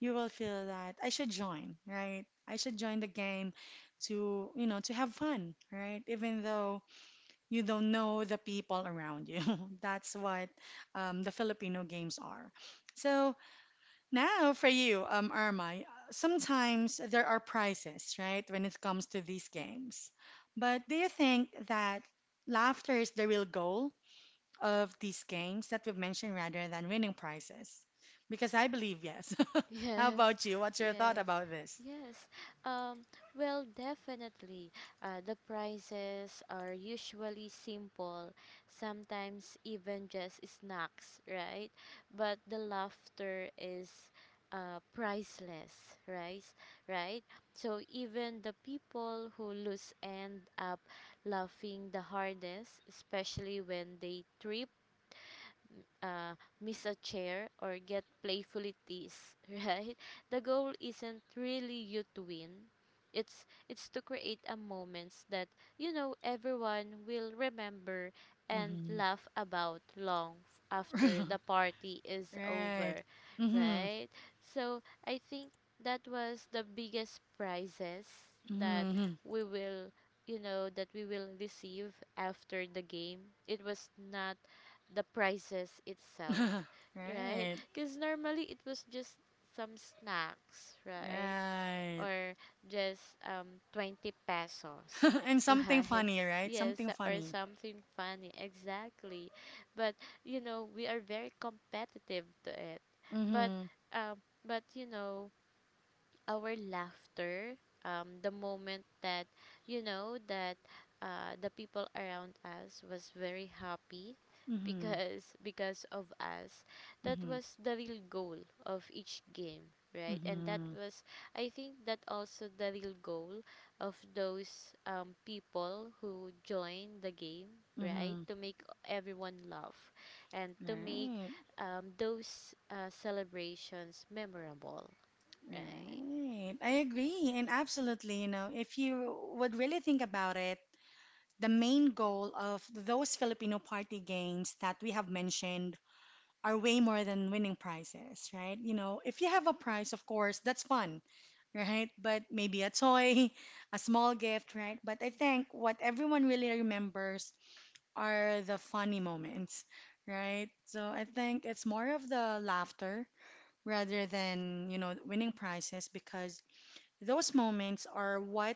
[SPEAKER 1] you will feel that I should join, right? I should join the game to, you know, to have fun, right? Even though you don't know the people around you. That's what the Filipino games are. So now, for you, Irma, sometimes there are prizes, right, when it comes to these games. But do you think that laughter is the real goal of these games that we've mentioned rather than winning prizes? Because I believe yes. How
[SPEAKER 2] Yes,
[SPEAKER 1] about you? What's your thought
[SPEAKER 2] yes,
[SPEAKER 1] about this?
[SPEAKER 2] yes. Um, well, definitely. The prices are usually simple, sometimes even just snacks, right? But the laughter is priceless, right? Right? So even the people who lose end up laughing the hardest, especially when they trip, uh, miss a chair, or get playfully teased, right? The goal isn't really you to win. It's to create a moments that everyone will remember and
[SPEAKER 1] Hmm.
[SPEAKER 2] laugh about long after the party is
[SPEAKER 1] Right.
[SPEAKER 2] over,
[SPEAKER 1] Hmm.
[SPEAKER 2] right? So I think that was the biggest prizes that
[SPEAKER 1] Hmm.
[SPEAKER 2] we will you know that we will receive after the game. It was not the prices itself, right?
[SPEAKER 1] Right.
[SPEAKER 2] Because normally it was just some snacks, right?
[SPEAKER 1] Right.
[SPEAKER 2] Or just 20 pesos,
[SPEAKER 1] And something
[SPEAKER 2] right?
[SPEAKER 1] funny, right?
[SPEAKER 2] Yes,
[SPEAKER 1] Something
[SPEAKER 2] or
[SPEAKER 1] funny.
[SPEAKER 2] something funny, exactly. But we are very competitive to it. But
[SPEAKER 1] Mm-hmm.
[SPEAKER 2] but our laughter, the moment that that the people around us was very happy
[SPEAKER 1] Mm-hmm.
[SPEAKER 2] because of us, that
[SPEAKER 1] Mm-hmm.
[SPEAKER 2] was the real goal of each game, right, and that
[SPEAKER 1] Mm-hmm.
[SPEAKER 2] was, I think, that also the real goal of those people who join the game, right,
[SPEAKER 1] Mm-hmm.
[SPEAKER 2] to make everyone laugh and to make
[SPEAKER 1] Right.
[SPEAKER 2] those celebrations memorable, right.
[SPEAKER 1] Right. I agree. And absolutely, you know, if you would really think about it, the main goal of those Filipino party games that we have mentioned are way more than winning prizes, right? You know, if you have a prize, of course, that's fun, right? But maybe a toy, a small gift, right? But I think what everyone really remembers are the funny moments, right? So I think it's more of the laughter rather than, you know, winning prizes because those moments are what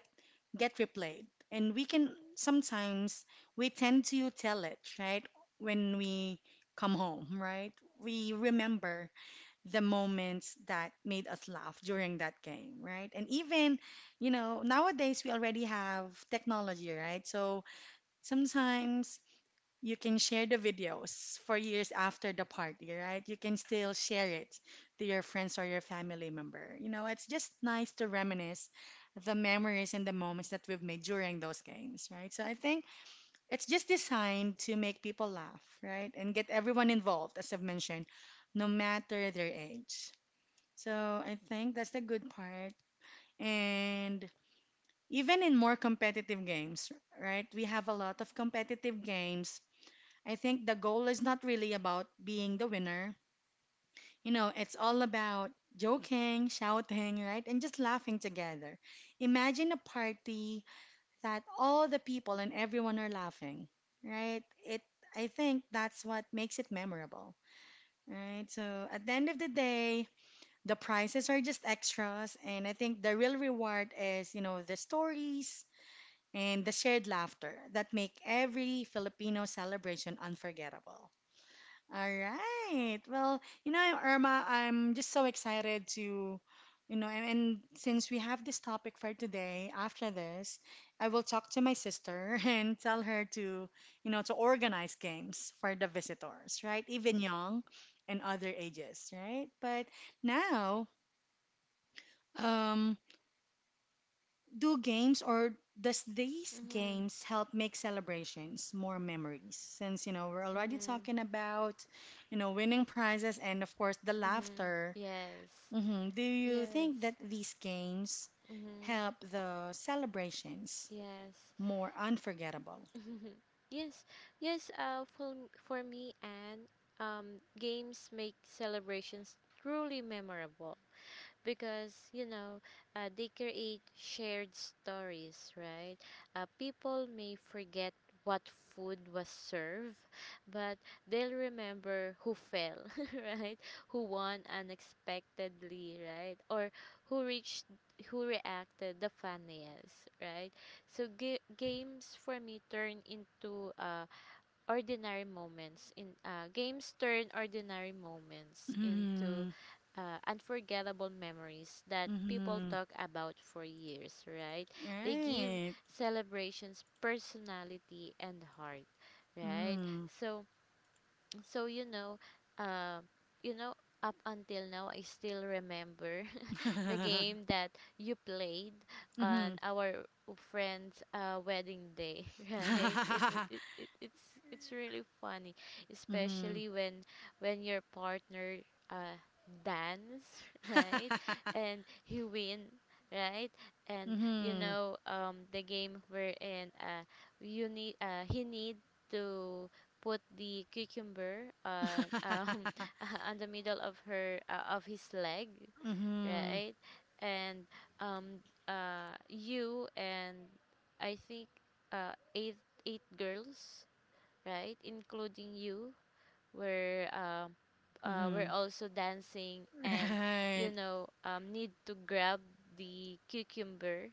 [SPEAKER 1] get replayed. And we can sometimes we tend to tell it, right? When we come home, right? We remember the moments that made us laugh during that game, right? And even, you know, nowadays we already have technology, right? So sometimes you can share the videos for years after the party, right? You can still share it to your friends or your family member. You know, it's just nice to reminisce the memories and the moments that we've made during those games, right? So I think it's just designed to make people laugh, right? And get everyone involved, as I've mentioned, no matter their age. So I think that's the good part. And even in more competitive games, right? We have a lot of competitive games. I think the goal is not really about being the winner. You know, it's all about joking, shouting, right? And just laughing together. Imagine a party that all the people and everyone are laughing, right? It I think that's what makes it memorable, right? So at the end of the day, the prizes are just extras and I think the real reward is, you know, the stories and the shared laughter that make every Filipino celebration unforgettable. All right. Well, you know, Irma, I'm just so excited to, you know, and since we have this topic for today, after this, I will talk to my sister and tell her to, you know, to organize games for the visitors, right? Even young and other ages, right? But now, um, do games or does these
[SPEAKER 2] Mhm.
[SPEAKER 1] games help make celebrations more memories? Since you know we're already
[SPEAKER 2] Mhm.
[SPEAKER 1] talking about you know winning prizes and of course the
[SPEAKER 2] Mhm.
[SPEAKER 1] laughter.
[SPEAKER 2] Yes.
[SPEAKER 1] Hmm. Do you
[SPEAKER 2] Yes.
[SPEAKER 1] think that these games
[SPEAKER 2] Mhm.
[SPEAKER 1] help the celebrations
[SPEAKER 2] Yes.
[SPEAKER 1] more unforgettable?
[SPEAKER 2] Yes. Yes. For me and games make celebrations truly memorable. Because they create shared stories, right. People may forget what food was served, but they'll remember who fell, right, who won unexpectedly, right, or who reached who reacted the funniest, right. So games for me turn into ordinary moments in games turn ordinary moments into
[SPEAKER 1] Mm-hmm.
[SPEAKER 2] unforgettable memories that people
[SPEAKER 1] Mm-hmm.
[SPEAKER 2] talk about for years, right? They give
[SPEAKER 1] Right.
[SPEAKER 2] celebrations personality and heart, right?
[SPEAKER 1] Mm.
[SPEAKER 2] So, so, uh, you know, up until now, I still remember the game that you played
[SPEAKER 1] Mm-hmm.
[SPEAKER 2] on our friend's wedding day, right? It, w- it, it it's really funny,
[SPEAKER 1] Mm-hmm.
[SPEAKER 2] especially when your partner uh dance, right? And he win, right? And you
[SPEAKER 1] Mm-hmm.
[SPEAKER 2] know the game wherein you need he need to put the cucumber on on the middle of her, of his leg,
[SPEAKER 1] Mm-hmm.
[SPEAKER 2] right? And um, you, and I think uh, eight eight girls, right, including you, we're uh,
[SPEAKER 1] Mm-hmm.
[SPEAKER 2] we're also dancing and
[SPEAKER 1] Right.
[SPEAKER 2] need to grab the cucumber,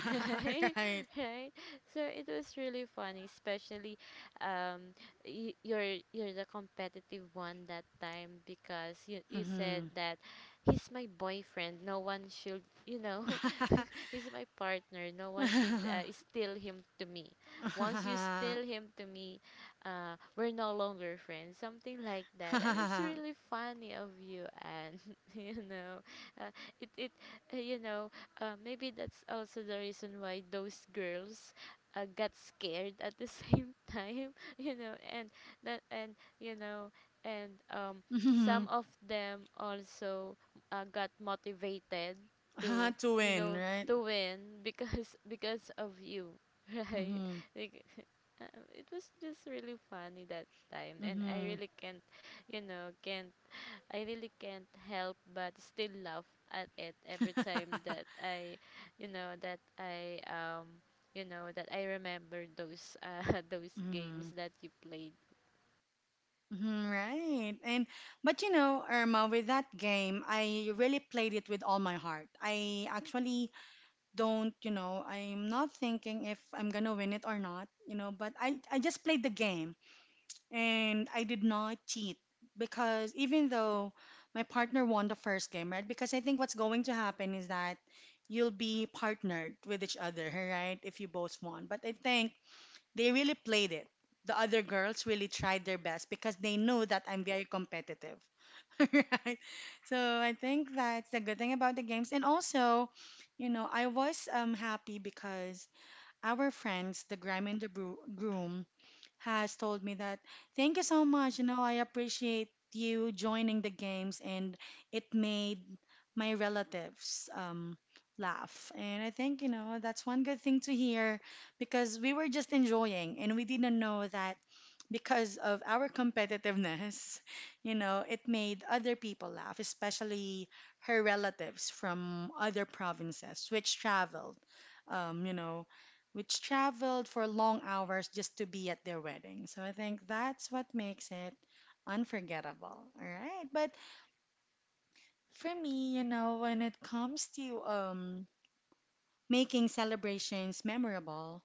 [SPEAKER 2] right,
[SPEAKER 1] Right.
[SPEAKER 2] right. So it was really funny, especially um you're the competitive one that time because you said
[SPEAKER 1] Mm-hmm.
[SPEAKER 2] that he's my boyfriend, no one should, you know, he's my partner, no one should steal him to me, once you steal him to me, we're no longer friends, something like that. And it's really funny of you, and you know, uh, it it uh, you know, maybe that's also the reason why those girls got scared at the same time, you know, and that, and and um,
[SPEAKER 1] Mm-hmm.
[SPEAKER 2] some of them also got motivated to,
[SPEAKER 1] To
[SPEAKER 2] you
[SPEAKER 1] win,
[SPEAKER 2] know
[SPEAKER 1] right?
[SPEAKER 2] to win, because because of you, right,
[SPEAKER 1] Mm-hmm.
[SPEAKER 2] like, it was just really funny that time, and I
[SPEAKER 1] Mm-hmm.
[SPEAKER 2] really can't, you know can't I really can't help but still laugh at it every time that I, you know that I you know that I remember those those
[SPEAKER 1] Mm-hmm.
[SPEAKER 2] games that you played.
[SPEAKER 1] Mhm, right. And but you know, Irma, with that game, I really played it with all my heart. I actually don't, you know, I'm not thinking if I'm gonna win it or not, you know, but I just played the game. And I did not cheat because even though my partner won the first game, right? Because I think what's going to happen is that you'll be partnered with each other, right? If you both won. But I think they really played it. The other girls really tried their best because they know that I'm very competitive, right? So I think that's the good thing about the games. And also, you know, I was happy because our friends, the grime and the groom, has told me that, thank you so much. You know, I appreciate you joining the games, and it made my relatives laugh. And I think, you know, that's one good thing to hear because we were just enjoying and we didn't know that because of our competitiveness, you know, it made other people laugh, especially her relatives from other provinces um, you know, which traveled for long hours just to be at their wedding. So I think that's what makes it unforgettable. All right. But for me, you know, when it comes to making celebrations memorable,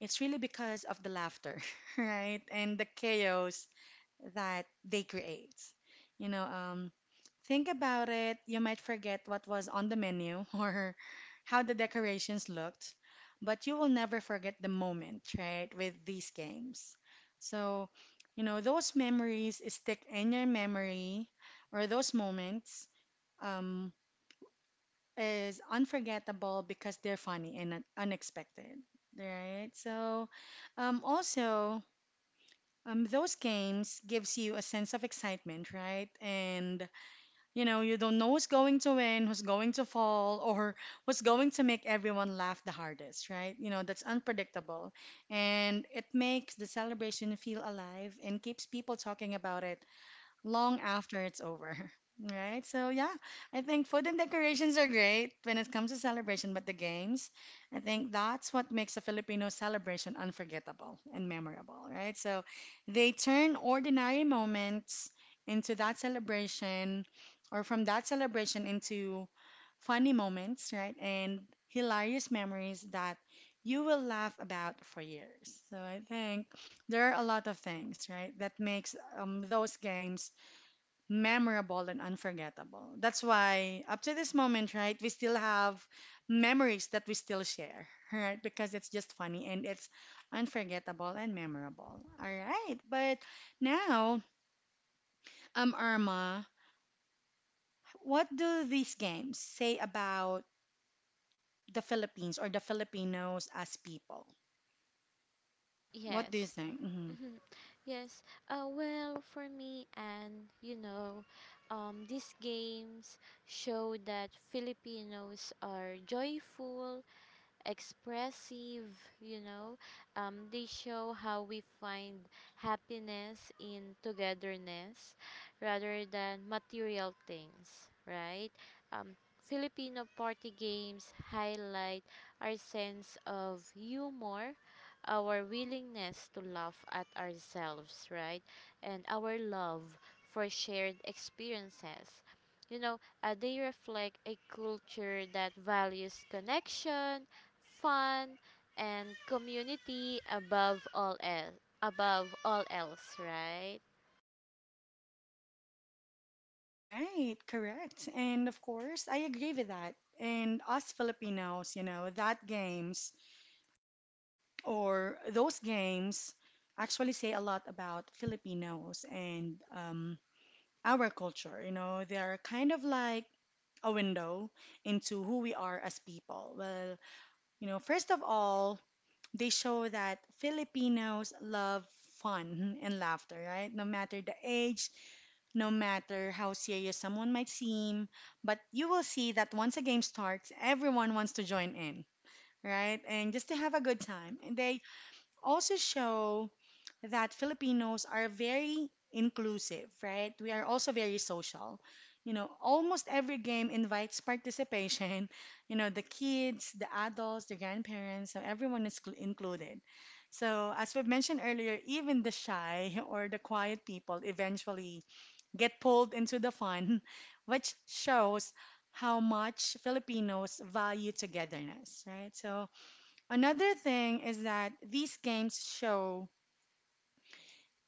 [SPEAKER 1] it's really because of the laughter, right? And the chaos that they create. You know, think about it, you might forget what was on the menu or how the decorations looked, but you will never forget the moment, right, with these games. So, you know, those memories stick in your memory or those moments um, is unforgettable because they're funny and unexpected, right? So, also, those games gives you a sense of excitement, right? And you know, you don't know who's going to win, who's going to fall, or who's going to make everyone laugh the hardest, right? You know, that's unpredictable. And it makes the celebration feel alive and keeps people talking about it long after it's over. Right? So yeah, I think food and decorations are great when it comes to celebration, but the games, I think that's what makes a Filipino celebration unforgettable and memorable, right? So they turn ordinary moments into that celebration or from that celebration into funny moments, right? And hilarious memories that you will laugh about for years. So I think there are a lot of things, right, that makes those games memorable and unforgettable. That's why up to this moment, right, we still have memories that we still share, right? Because it's just funny and it's unforgettable and memorable. All right. But now, Irma, what do these games say about the Philippines or the Filipinos as people? What do you
[SPEAKER 2] Yes.
[SPEAKER 1] think? Hmm.
[SPEAKER 2] Mhm. Yes. Well, for me, and these games show that Filipinos are joyful, expressive, you know. They show how we find happiness in togetherness rather than material things, right? Um, Filipino party games highlight our sense of humor, our willingness to laugh at ourselves, right? And our love for shared experiences, they reflect a culture that values connection, fun, and community above all else. Above all else, right?
[SPEAKER 1] Right, correct. And of course, I agree with that. And us Filipinos, you know, that games or those games actually say a lot about Filipinos and our culture. You know, they are kind of like a window into who we are as people. Well, you know, first of all, they show that Filipinos love fun and laughter, right? No matter the age, no matter how serious someone might seem, but you will see that once a game starts, everyone wants to join in, right? And just to have a good time. And they also show that Filipinos are very inclusive, right? We are also very social. You know, almost every game invites participation. You know, the kids, the adults, the grandparents, so everyone is included. So, as we've mentioned earlier, even the shy or the quiet people eventually get pulled into the fun, which shows how much Filipinos value togetherness, right? So, another thing is that these games show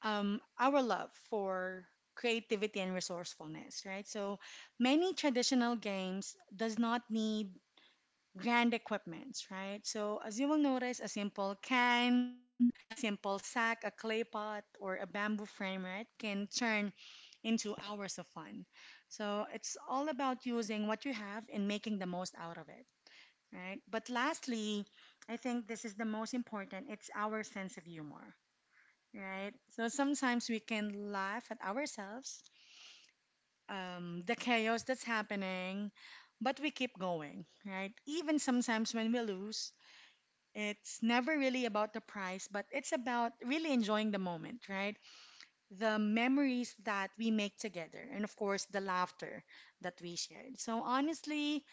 [SPEAKER 1] our love for creativity and resourcefulness, right? So many traditional games does not need grand equipments, right? So as you will notice, a simple can, a simple sack, a clay pot, or a bamboo frame, right, can turn into hours of fun. So it's all about using what you have and making the most out of it, right? But lastly, I think this is the most important. It's our sense of humor, right? So sometimes we can laugh at ourselves, the chaos that's happening, but we keep going, right? Even sometimes when we lose, it's never really about the prize, but it's about really enjoying the moment, right? The memories that we make together, and of course, the laughter that we shared. So, honestly,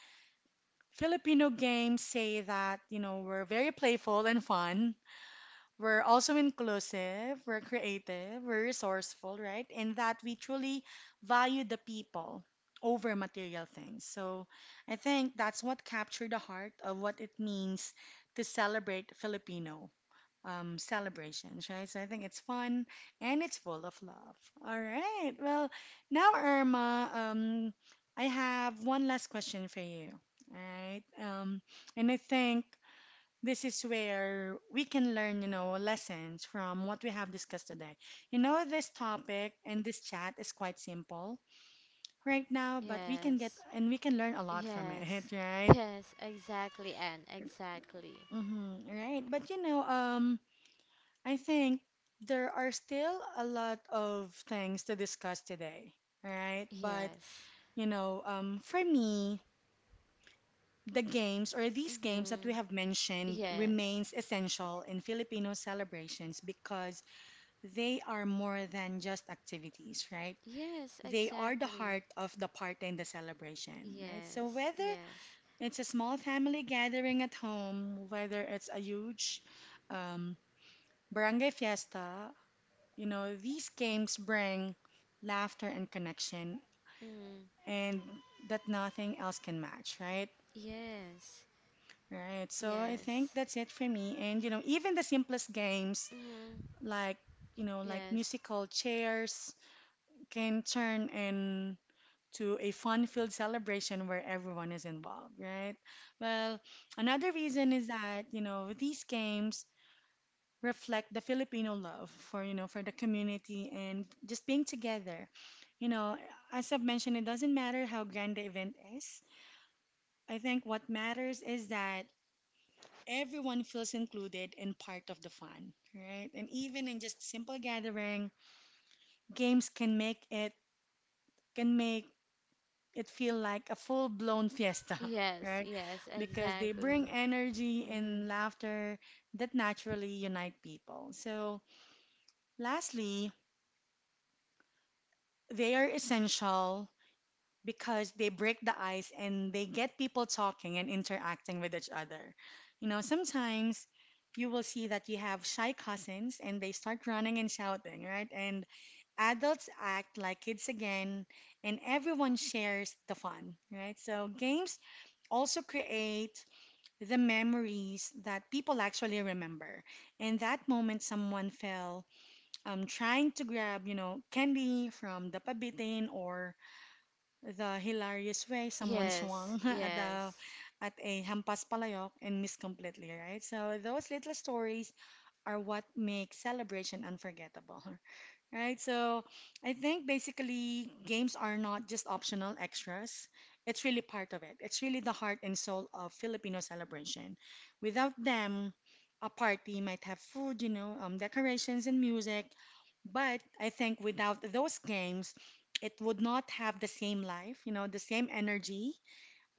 [SPEAKER 1] Filipino games say that, you know, we're very playful and fun. We're also inclusive, we're creative, we're resourceful, right? And that we truly value the people over material things. So I think that's what captured the heart of what it means to celebrate Filipino celebrations, right? So I think it's fun and it's full of love. All right. Well, now, Irma, I have one last question for you. All right. And I think. This is where we can learn, you know, lessons from what we have discussed today. You know, this topic and this chat is quite simple right now, but we can get
[SPEAKER 2] Yes.
[SPEAKER 1] and we can learn a lot from it,
[SPEAKER 2] Yes.
[SPEAKER 1] right?
[SPEAKER 2] Yes, exactly, and exactly.
[SPEAKER 1] Mm-hmm, right. But you know, I think there are still a lot of things to discuss today, right? But
[SPEAKER 2] Yes.
[SPEAKER 1] you know, for me, these games that we
[SPEAKER 2] Mhm.
[SPEAKER 1] have mentioned
[SPEAKER 2] Yes.
[SPEAKER 1] remains essential in Filipino celebrations because they are more than just activities, right?
[SPEAKER 2] Yes,
[SPEAKER 1] They are the heart
[SPEAKER 2] exactly.
[SPEAKER 1] of the party and the celebration, right? So
[SPEAKER 2] Yes.
[SPEAKER 1] whether
[SPEAKER 2] Yes.
[SPEAKER 1] it's a small family gathering at home, whether it's a huge um, barangay fiesta, you know, these games bring laughter and connection,
[SPEAKER 2] Mm.
[SPEAKER 1] and that nothing else can match, right?
[SPEAKER 2] Yes.
[SPEAKER 1] Right. So I think
[SPEAKER 2] Yes.
[SPEAKER 1] that's it for me. And you know, even the simplest games
[SPEAKER 2] Mm.
[SPEAKER 1] like, you know,
[SPEAKER 2] Yes.
[SPEAKER 1] musical chairs can turn in to a fun-filled celebration where everyone is involved, right? Well, another reason is that, you know, these games reflect the Filipino love for, you know, for the community and just being together. You know, as I've mentioned, it doesn't matter how grand the event is. I think what matters is that everyone feels included and part of the fun, right? And even in just simple gathering, games can make it feel like a full-blown fiesta,
[SPEAKER 2] Yes,
[SPEAKER 1] right?
[SPEAKER 2] yes,
[SPEAKER 1] Because they
[SPEAKER 2] exactly.
[SPEAKER 1] bring energy
[SPEAKER 2] Mm.
[SPEAKER 1] and laughter that naturally unite people. So, lastly, they are essential because they break the ice and they get people talking and interacting with each other. You know, sometimes you will see that you have shy cousins and they start running and shouting, right? And adults act like kids again and everyone shares the fun, right? So games also create the memories that people actually remember. In that moment, someone fell trying to grab, you know, candy from the pabitin or the hilarious way someone
[SPEAKER 2] Yes,
[SPEAKER 1] swung at the
[SPEAKER 2] yes.
[SPEAKER 1] at a hampas palayok and missed completely, right? So those little stories are what make celebration unforgettable. Right, so I think basically games are not just optional extras. It's really part of it. It's really the heart and soul of Filipino celebration. Without them, a party might have food, you know, decorations and music. But I think without those games, it would not have the same life, you know, the same energy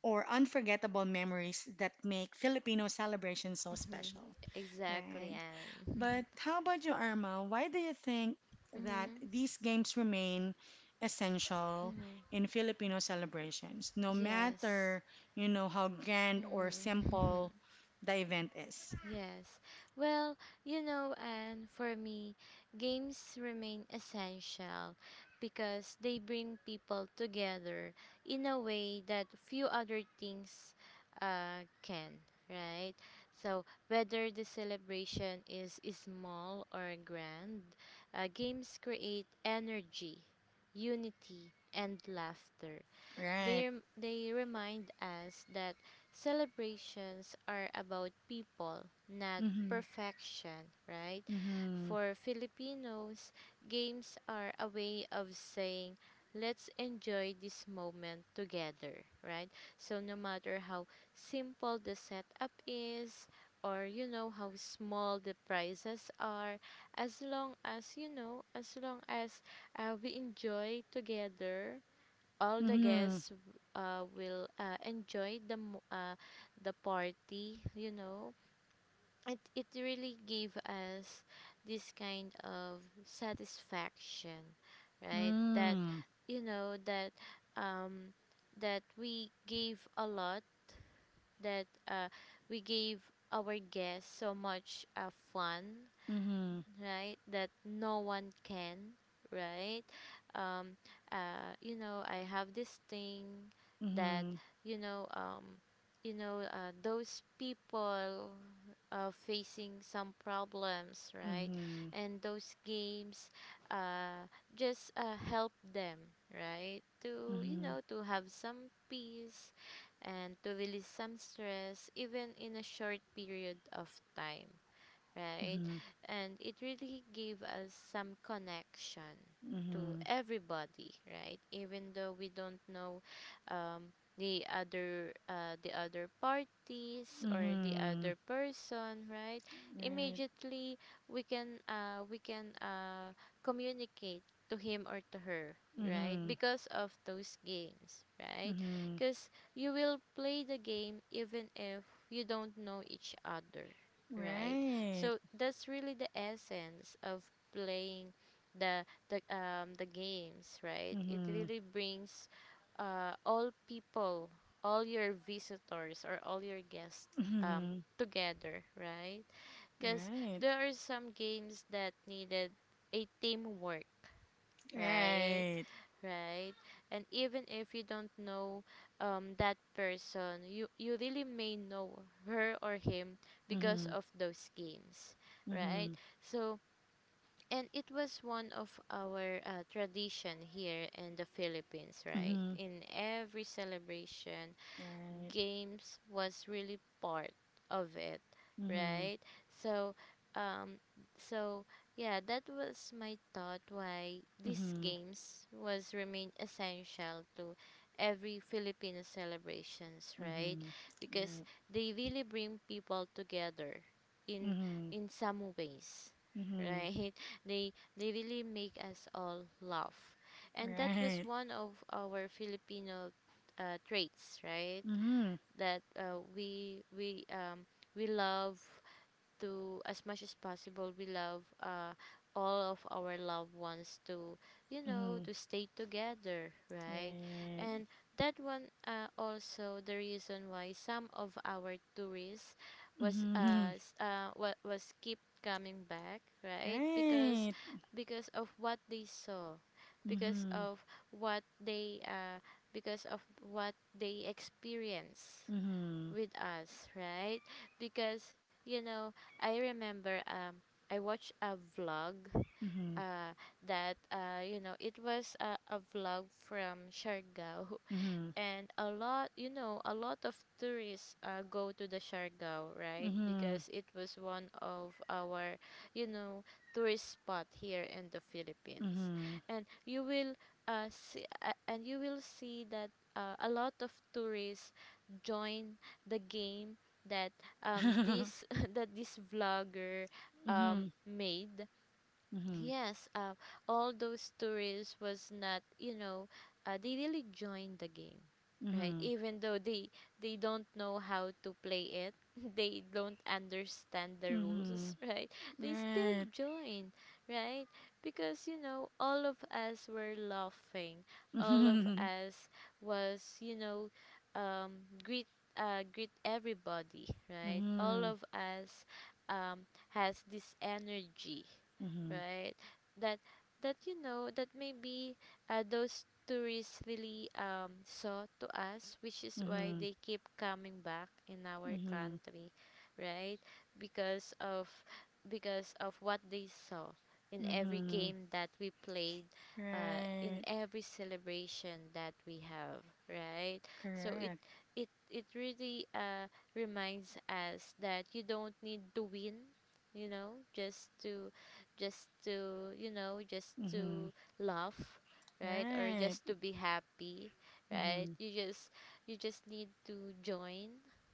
[SPEAKER 1] or unforgettable memories that make Filipino celebration so
[SPEAKER 2] Mhm.
[SPEAKER 1] special.
[SPEAKER 2] Exactly,
[SPEAKER 1] Right. But
[SPEAKER 2] and
[SPEAKER 1] how about you, Irma? Why do you think
[SPEAKER 2] mhm,
[SPEAKER 1] that
[SPEAKER 2] mhm,
[SPEAKER 1] these games remain essential
[SPEAKER 2] mhm.
[SPEAKER 1] in Filipino celebrations, no
[SPEAKER 2] Yes,
[SPEAKER 1] matter, you know, how grand or
[SPEAKER 2] mm-hmm.
[SPEAKER 1] simple the event is,
[SPEAKER 2] Yes. Well, you know, and for me, games remain essential because they bring people together in a way that few other things can, right? So, whether the celebration is small or grand, games create energy, unity, and laughter.
[SPEAKER 1] right?
[SPEAKER 2] They remind us that celebrations are about people, not
[SPEAKER 1] Mm-hmm.
[SPEAKER 2] perfection, right?
[SPEAKER 1] Mm-hmm.
[SPEAKER 2] For Filipinos, games are a way of saying, let's enjoy this moment together, right? So, no matter how simple the setup is, or how small the prizes are, as long as, we enjoy together, all the
[SPEAKER 1] Mm-hmm.
[SPEAKER 2] guests will enjoy the the party, you know, it really gave us this kind of satisfaction, right, that that um that we gave a lot, that we gave our guests so much fun,
[SPEAKER 1] Mm-hmm.
[SPEAKER 2] right, that no one can, right. um you know, I have this thing that
[SPEAKER 1] Mm-hmm.
[SPEAKER 2] you know um those people facing some problems, right,
[SPEAKER 1] Mm-hmm.
[SPEAKER 2] and those games, uh just help them, right, to
[SPEAKER 1] Mm-hmm.
[SPEAKER 2] to have some peace and to release some stress, even in a short period of time, right? And it really gave us some connection to
[SPEAKER 1] Mm-hmm.
[SPEAKER 2] everybody, right? Even though we don't know um, the other, the other parties or the
[SPEAKER 1] Mm-hmm.
[SPEAKER 2] other person, right?
[SPEAKER 1] Mm-hmm. Right.
[SPEAKER 2] Immediately we can, communicate to him or to her,
[SPEAKER 1] Mm-hmm.
[SPEAKER 2] right,
[SPEAKER 1] Mm-hmm.
[SPEAKER 2] because of those games, right,
[SPEAKER 1] Mm-hmm.
[SPEAKER 2] because you will play the game even if you don't know each other, right.
[SPEAKER 1] Right.
[SPEAKER 2] So that's really the essence of playing the games, right? It
[SPEAKER 1] Mm-hmm.
[SPEAKER 2] really brings all people, all your visitors or all your guests,
[SPEAKER 1] Mm-hmm.
[SPEAKER 2] together, right? Because
[SPEAKER 1] Right.
[SPEAKER 2] there are some games that needed a teamwork, right?
[SPEAKER 1] Right.
[SPEAKER 2] Right? And even if you don't know that person, you really may know her or him because
[SPEAKER 1] Mm-hmm.
[SPEAKER 2] of those games, right?
[SPEAKER 1] Mm-hmm.
[SPEAKER 2] So, and it was one of our tradition here in the Philippines, right?
[SPEAKER 1] Mm-hmm.
[SPEAKER 2] In every celebration,
[SPEAKER 1] Right.
[SPEAKER 2] games was really part of it,
[SPEAKER 1] Mm-hmm.
[SPEAKER 2] right? So, um, so, yeah, that was my thought why these
[SPEAKER 1] Mm-hmm.
[SPEAKER 2] games was remain essential to every Filipino celebrations, right?
[SPEAKER 1] Mm-hmm.
[SPEAKER 2] Because
[SPEAKER 1] Right.
[SPEAKER 2] they really bring people together in
[SPEAKER 1] Mm-hmm.
[SPEAKER 2] some ways,
[SPEAKER 1] Mm-hmm.
[SPEAKER 2] right. They really make us all laugh, and that was
[SPEAKER 1] Right.
[SPEAKER 2] one of our Filipino traits, right,
[SPEAKER 1] Mm-hmm.
[SPEAKER 2] that we love to, as much as possible, we love all of our loved ones to,
[SPEAKER 1] Mm-hmm.
[SPEAKER 2] to stay together, right.
[SPEAKER 1] Right.
[SPEAKER 2] And that one also the reason why some of our tourists was
[SPEAKER 1] Mm-hmm.
[SPEAKER 2] uh, s- uh wa- was keep coming back, right, because
[SPEAKER 1] Right.
[SPEAKER 2] of what they saw, because
[SPEAKER 1] Mm-hmm.
[SPEAKER 2] of what they uh because of what they experience
[SPEAKER 1] Mm-hmm.
[SPEAKER 2] with us, right? Because you know, I remember I watched a vlog,
[SPEAKER 1] Mm-hmm.
[SPEAKER 2] uh that you know, it was a vlog from Siargao,
[SPEAKER 1] Mm-hmm.
[SPEAKER 2] and a lot, a lot of tourists go to the Siargao, right, because it was one of our, you know, tourist spot here in the
[SPEAKER 1] Mm-hmm.
[SPEAKER 2] Philippines.
[SPEAKER 1] Mm-hmm.
[SPEAKER 2] And you will see that a lot of tourists join the game that this that this vlogger
[SPEAKER 1] Mm-hmm.
[SPEAKER 2] made.
[SPEAKER 1] Mm-hmm.
[SPEAKER 2] Yes, all those tourists was not, you know, they really joined the game, right?
[SPEAKER 1] Mm-hmm.
[SPEAKER 2] Even though they don't know how to play it, they don't understand the rules,
[SPEAKER 1] Mm-hmm.
[SPEAKER 2] right? They still
[SPEAKER 1] Right.
[SPEAKER 2] join, right? Because you know, all of us were laughing, all of
[SPEAKER 1] Mm-hmm.
[SPEAKER 2] us was, you know, greet, greet everybody, right? All
[SPEAKER 1] Mm-hmm.
[SPEAKER 2] of us, um, has this energy,
[SPEAKER 1] Mm-hmm.
[SPEAKER 2] right, that you know that, maybe those tourists really, saw to us, which is why they keep coming back in
[SPEAKER 1] Mm-hmm.
[SPEAKER 2] our
[SPEAKER 1] Mm-hmm.
[SPEAKER 2] country, right, because of, because of what they saw in every
[SPEAKER 1] Mm-hmm.
[SPEAKER 2] game that we played, in
[SPEAKER 1] Right.
[SPEAKER 2] every celebration that we have, right. So
[SPEAKER 1] Correct.
[SPEAKER 2] it really reminds us that you don't need to win, you know, just to, just
[SPEAKER 1] Mhm.
[SPEAKER 2] to laugh, right, or
[SPEAKER 1] Right.
[SPEAKER 2] just to be happy, right.
[SPEAKER 1] Mhm.
[SPEAKER 2] You just, need to join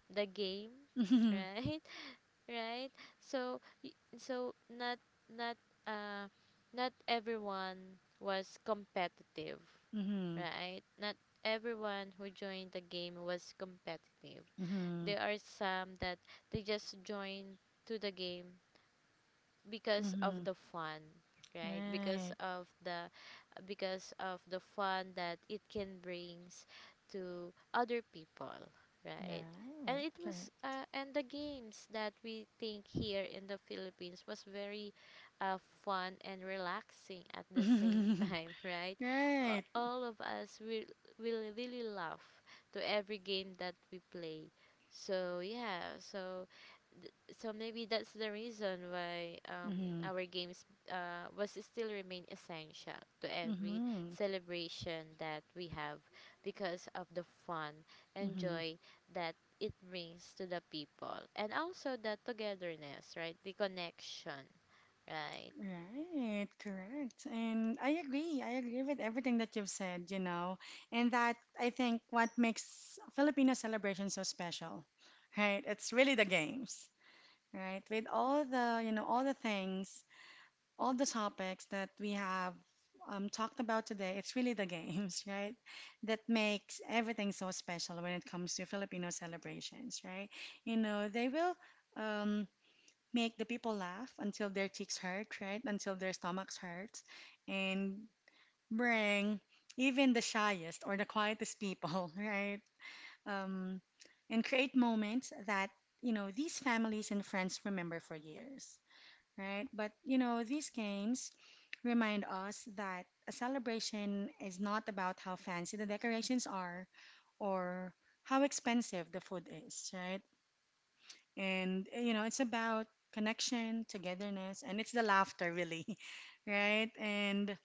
[SPEAKER 2] the game,
[SPEAKER 1] Mhm.
[SPEAKER 2] right? Right. So so not, not uh not everyone was competitive,
[SPEAKER 1] Mhm.
[SPEAKER 2] right, not everyone who joined the game was competitive.
[SPEAKER 1] Mhm.
[SPEAKER 2] There are some that they just joined to the game because of
[SPEAKER 1] Mhm.
[SPEAKER 2] the fun, right, because
[SPEAKER 1] Right.
[SPEAKER 2] of the, fun that it can brings to other people, right. And
[SPEAKER 1] Right.
[SPEAKER 2] it
[SPEAKER 1] Correct.
[SPEAKER 2] was, and the games that we think here in the Philippines was very uh, fun and relaxing at the same
[SPEAKER 1] Mhm.
[SPEAKER 2] time, right. uh,
[SPEAKER 1] Right.
[SPEAKER 2] all of us will really laugh to every game that we play. So yeah, so th- so maybe that's the reason why
[SPEAKER 1] Mhm.
[SPEAKER 2] our games was still remain essential to every
[SPEAKER 1] Mhm.
[SPEAKER 2] celebration that we have, because of the fun and
[SPEAKER 1] Mhm.
[SPEAKER 2] joy that it brings to the people, and also the togetherness, right, the connection, right.
[SPEAKER 1] Right, correct. And I agree. I agree with everything that you've said, you know. And that I think what makes Filipino celebration so special, right? It's really the games, right? With all the, you know, all the topics that we have talked about today, it's really the games, right? That makes everything so special when it comes to Filipino celebrations, right? You know, they will um, make the people laugh until their cheeks hurt, right? Until their stomachs hurt, and bring even the shyest or the quietest people, right? Um, and create moments that, you know, these families and friends remember for years, right? But you know, these games remind us that a celebration is not about how fancy the decorations are or how expensive the food is, right? And you know, it's about connection, togetherness, and it's the laughter, really, right? And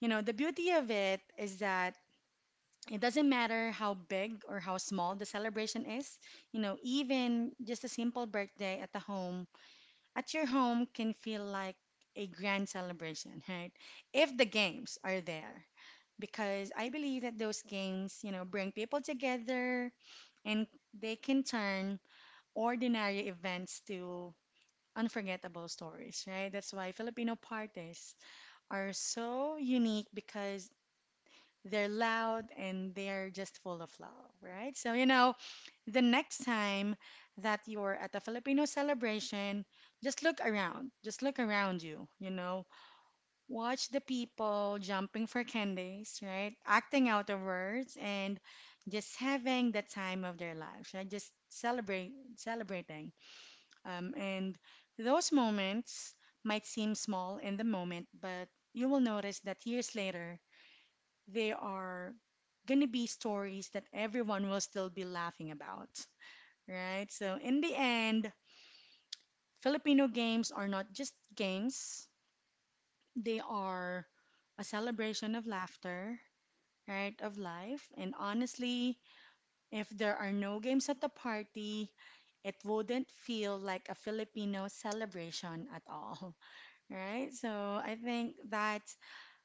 [SPEAKER 1] you know, the beauty of it is that it doesn't matter how big or how small the celebration is, you know, even just a simple birthday at your home can feel like a grand celebration, right? If the games are there, because I believe that those games, you know, bring people together and they can turn ordinary events to unforgettable stories, right? That's why Filipino parties are so unique because they're loud and they're just full of love, right? So, you know, the next time that you're at a Filipino celebration, just look around. Just look around you, you know. Watch the people jumping for candies, right? Acting out of words and just having the time of their lives, right? Just celebrate celebrating. And those moments might seem small in the moment, but you will notice that years later, they are gonna be stories that everyone will still be laughing about, right? So, in the end, Filipino games are not just games, they are a celebration of laughter, right? Of life. And honestly, if there are no games at the party, it wouldn't feel like a Filipino celebration at all, right? So, I think that's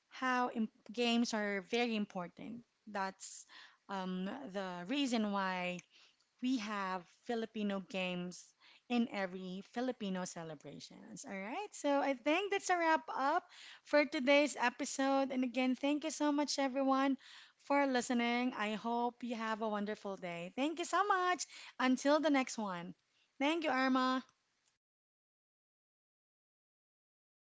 [SPEAKER 1] how games are very important. That's um, the reason why we have Filipino games in every Filipino celebrations. All right. So I think that's a wrap up for today's episode. And again, thank you so much, everyone, for listening. I hope you have a wonderful day. Thank you so much. Until the next one. Thank you, Irma.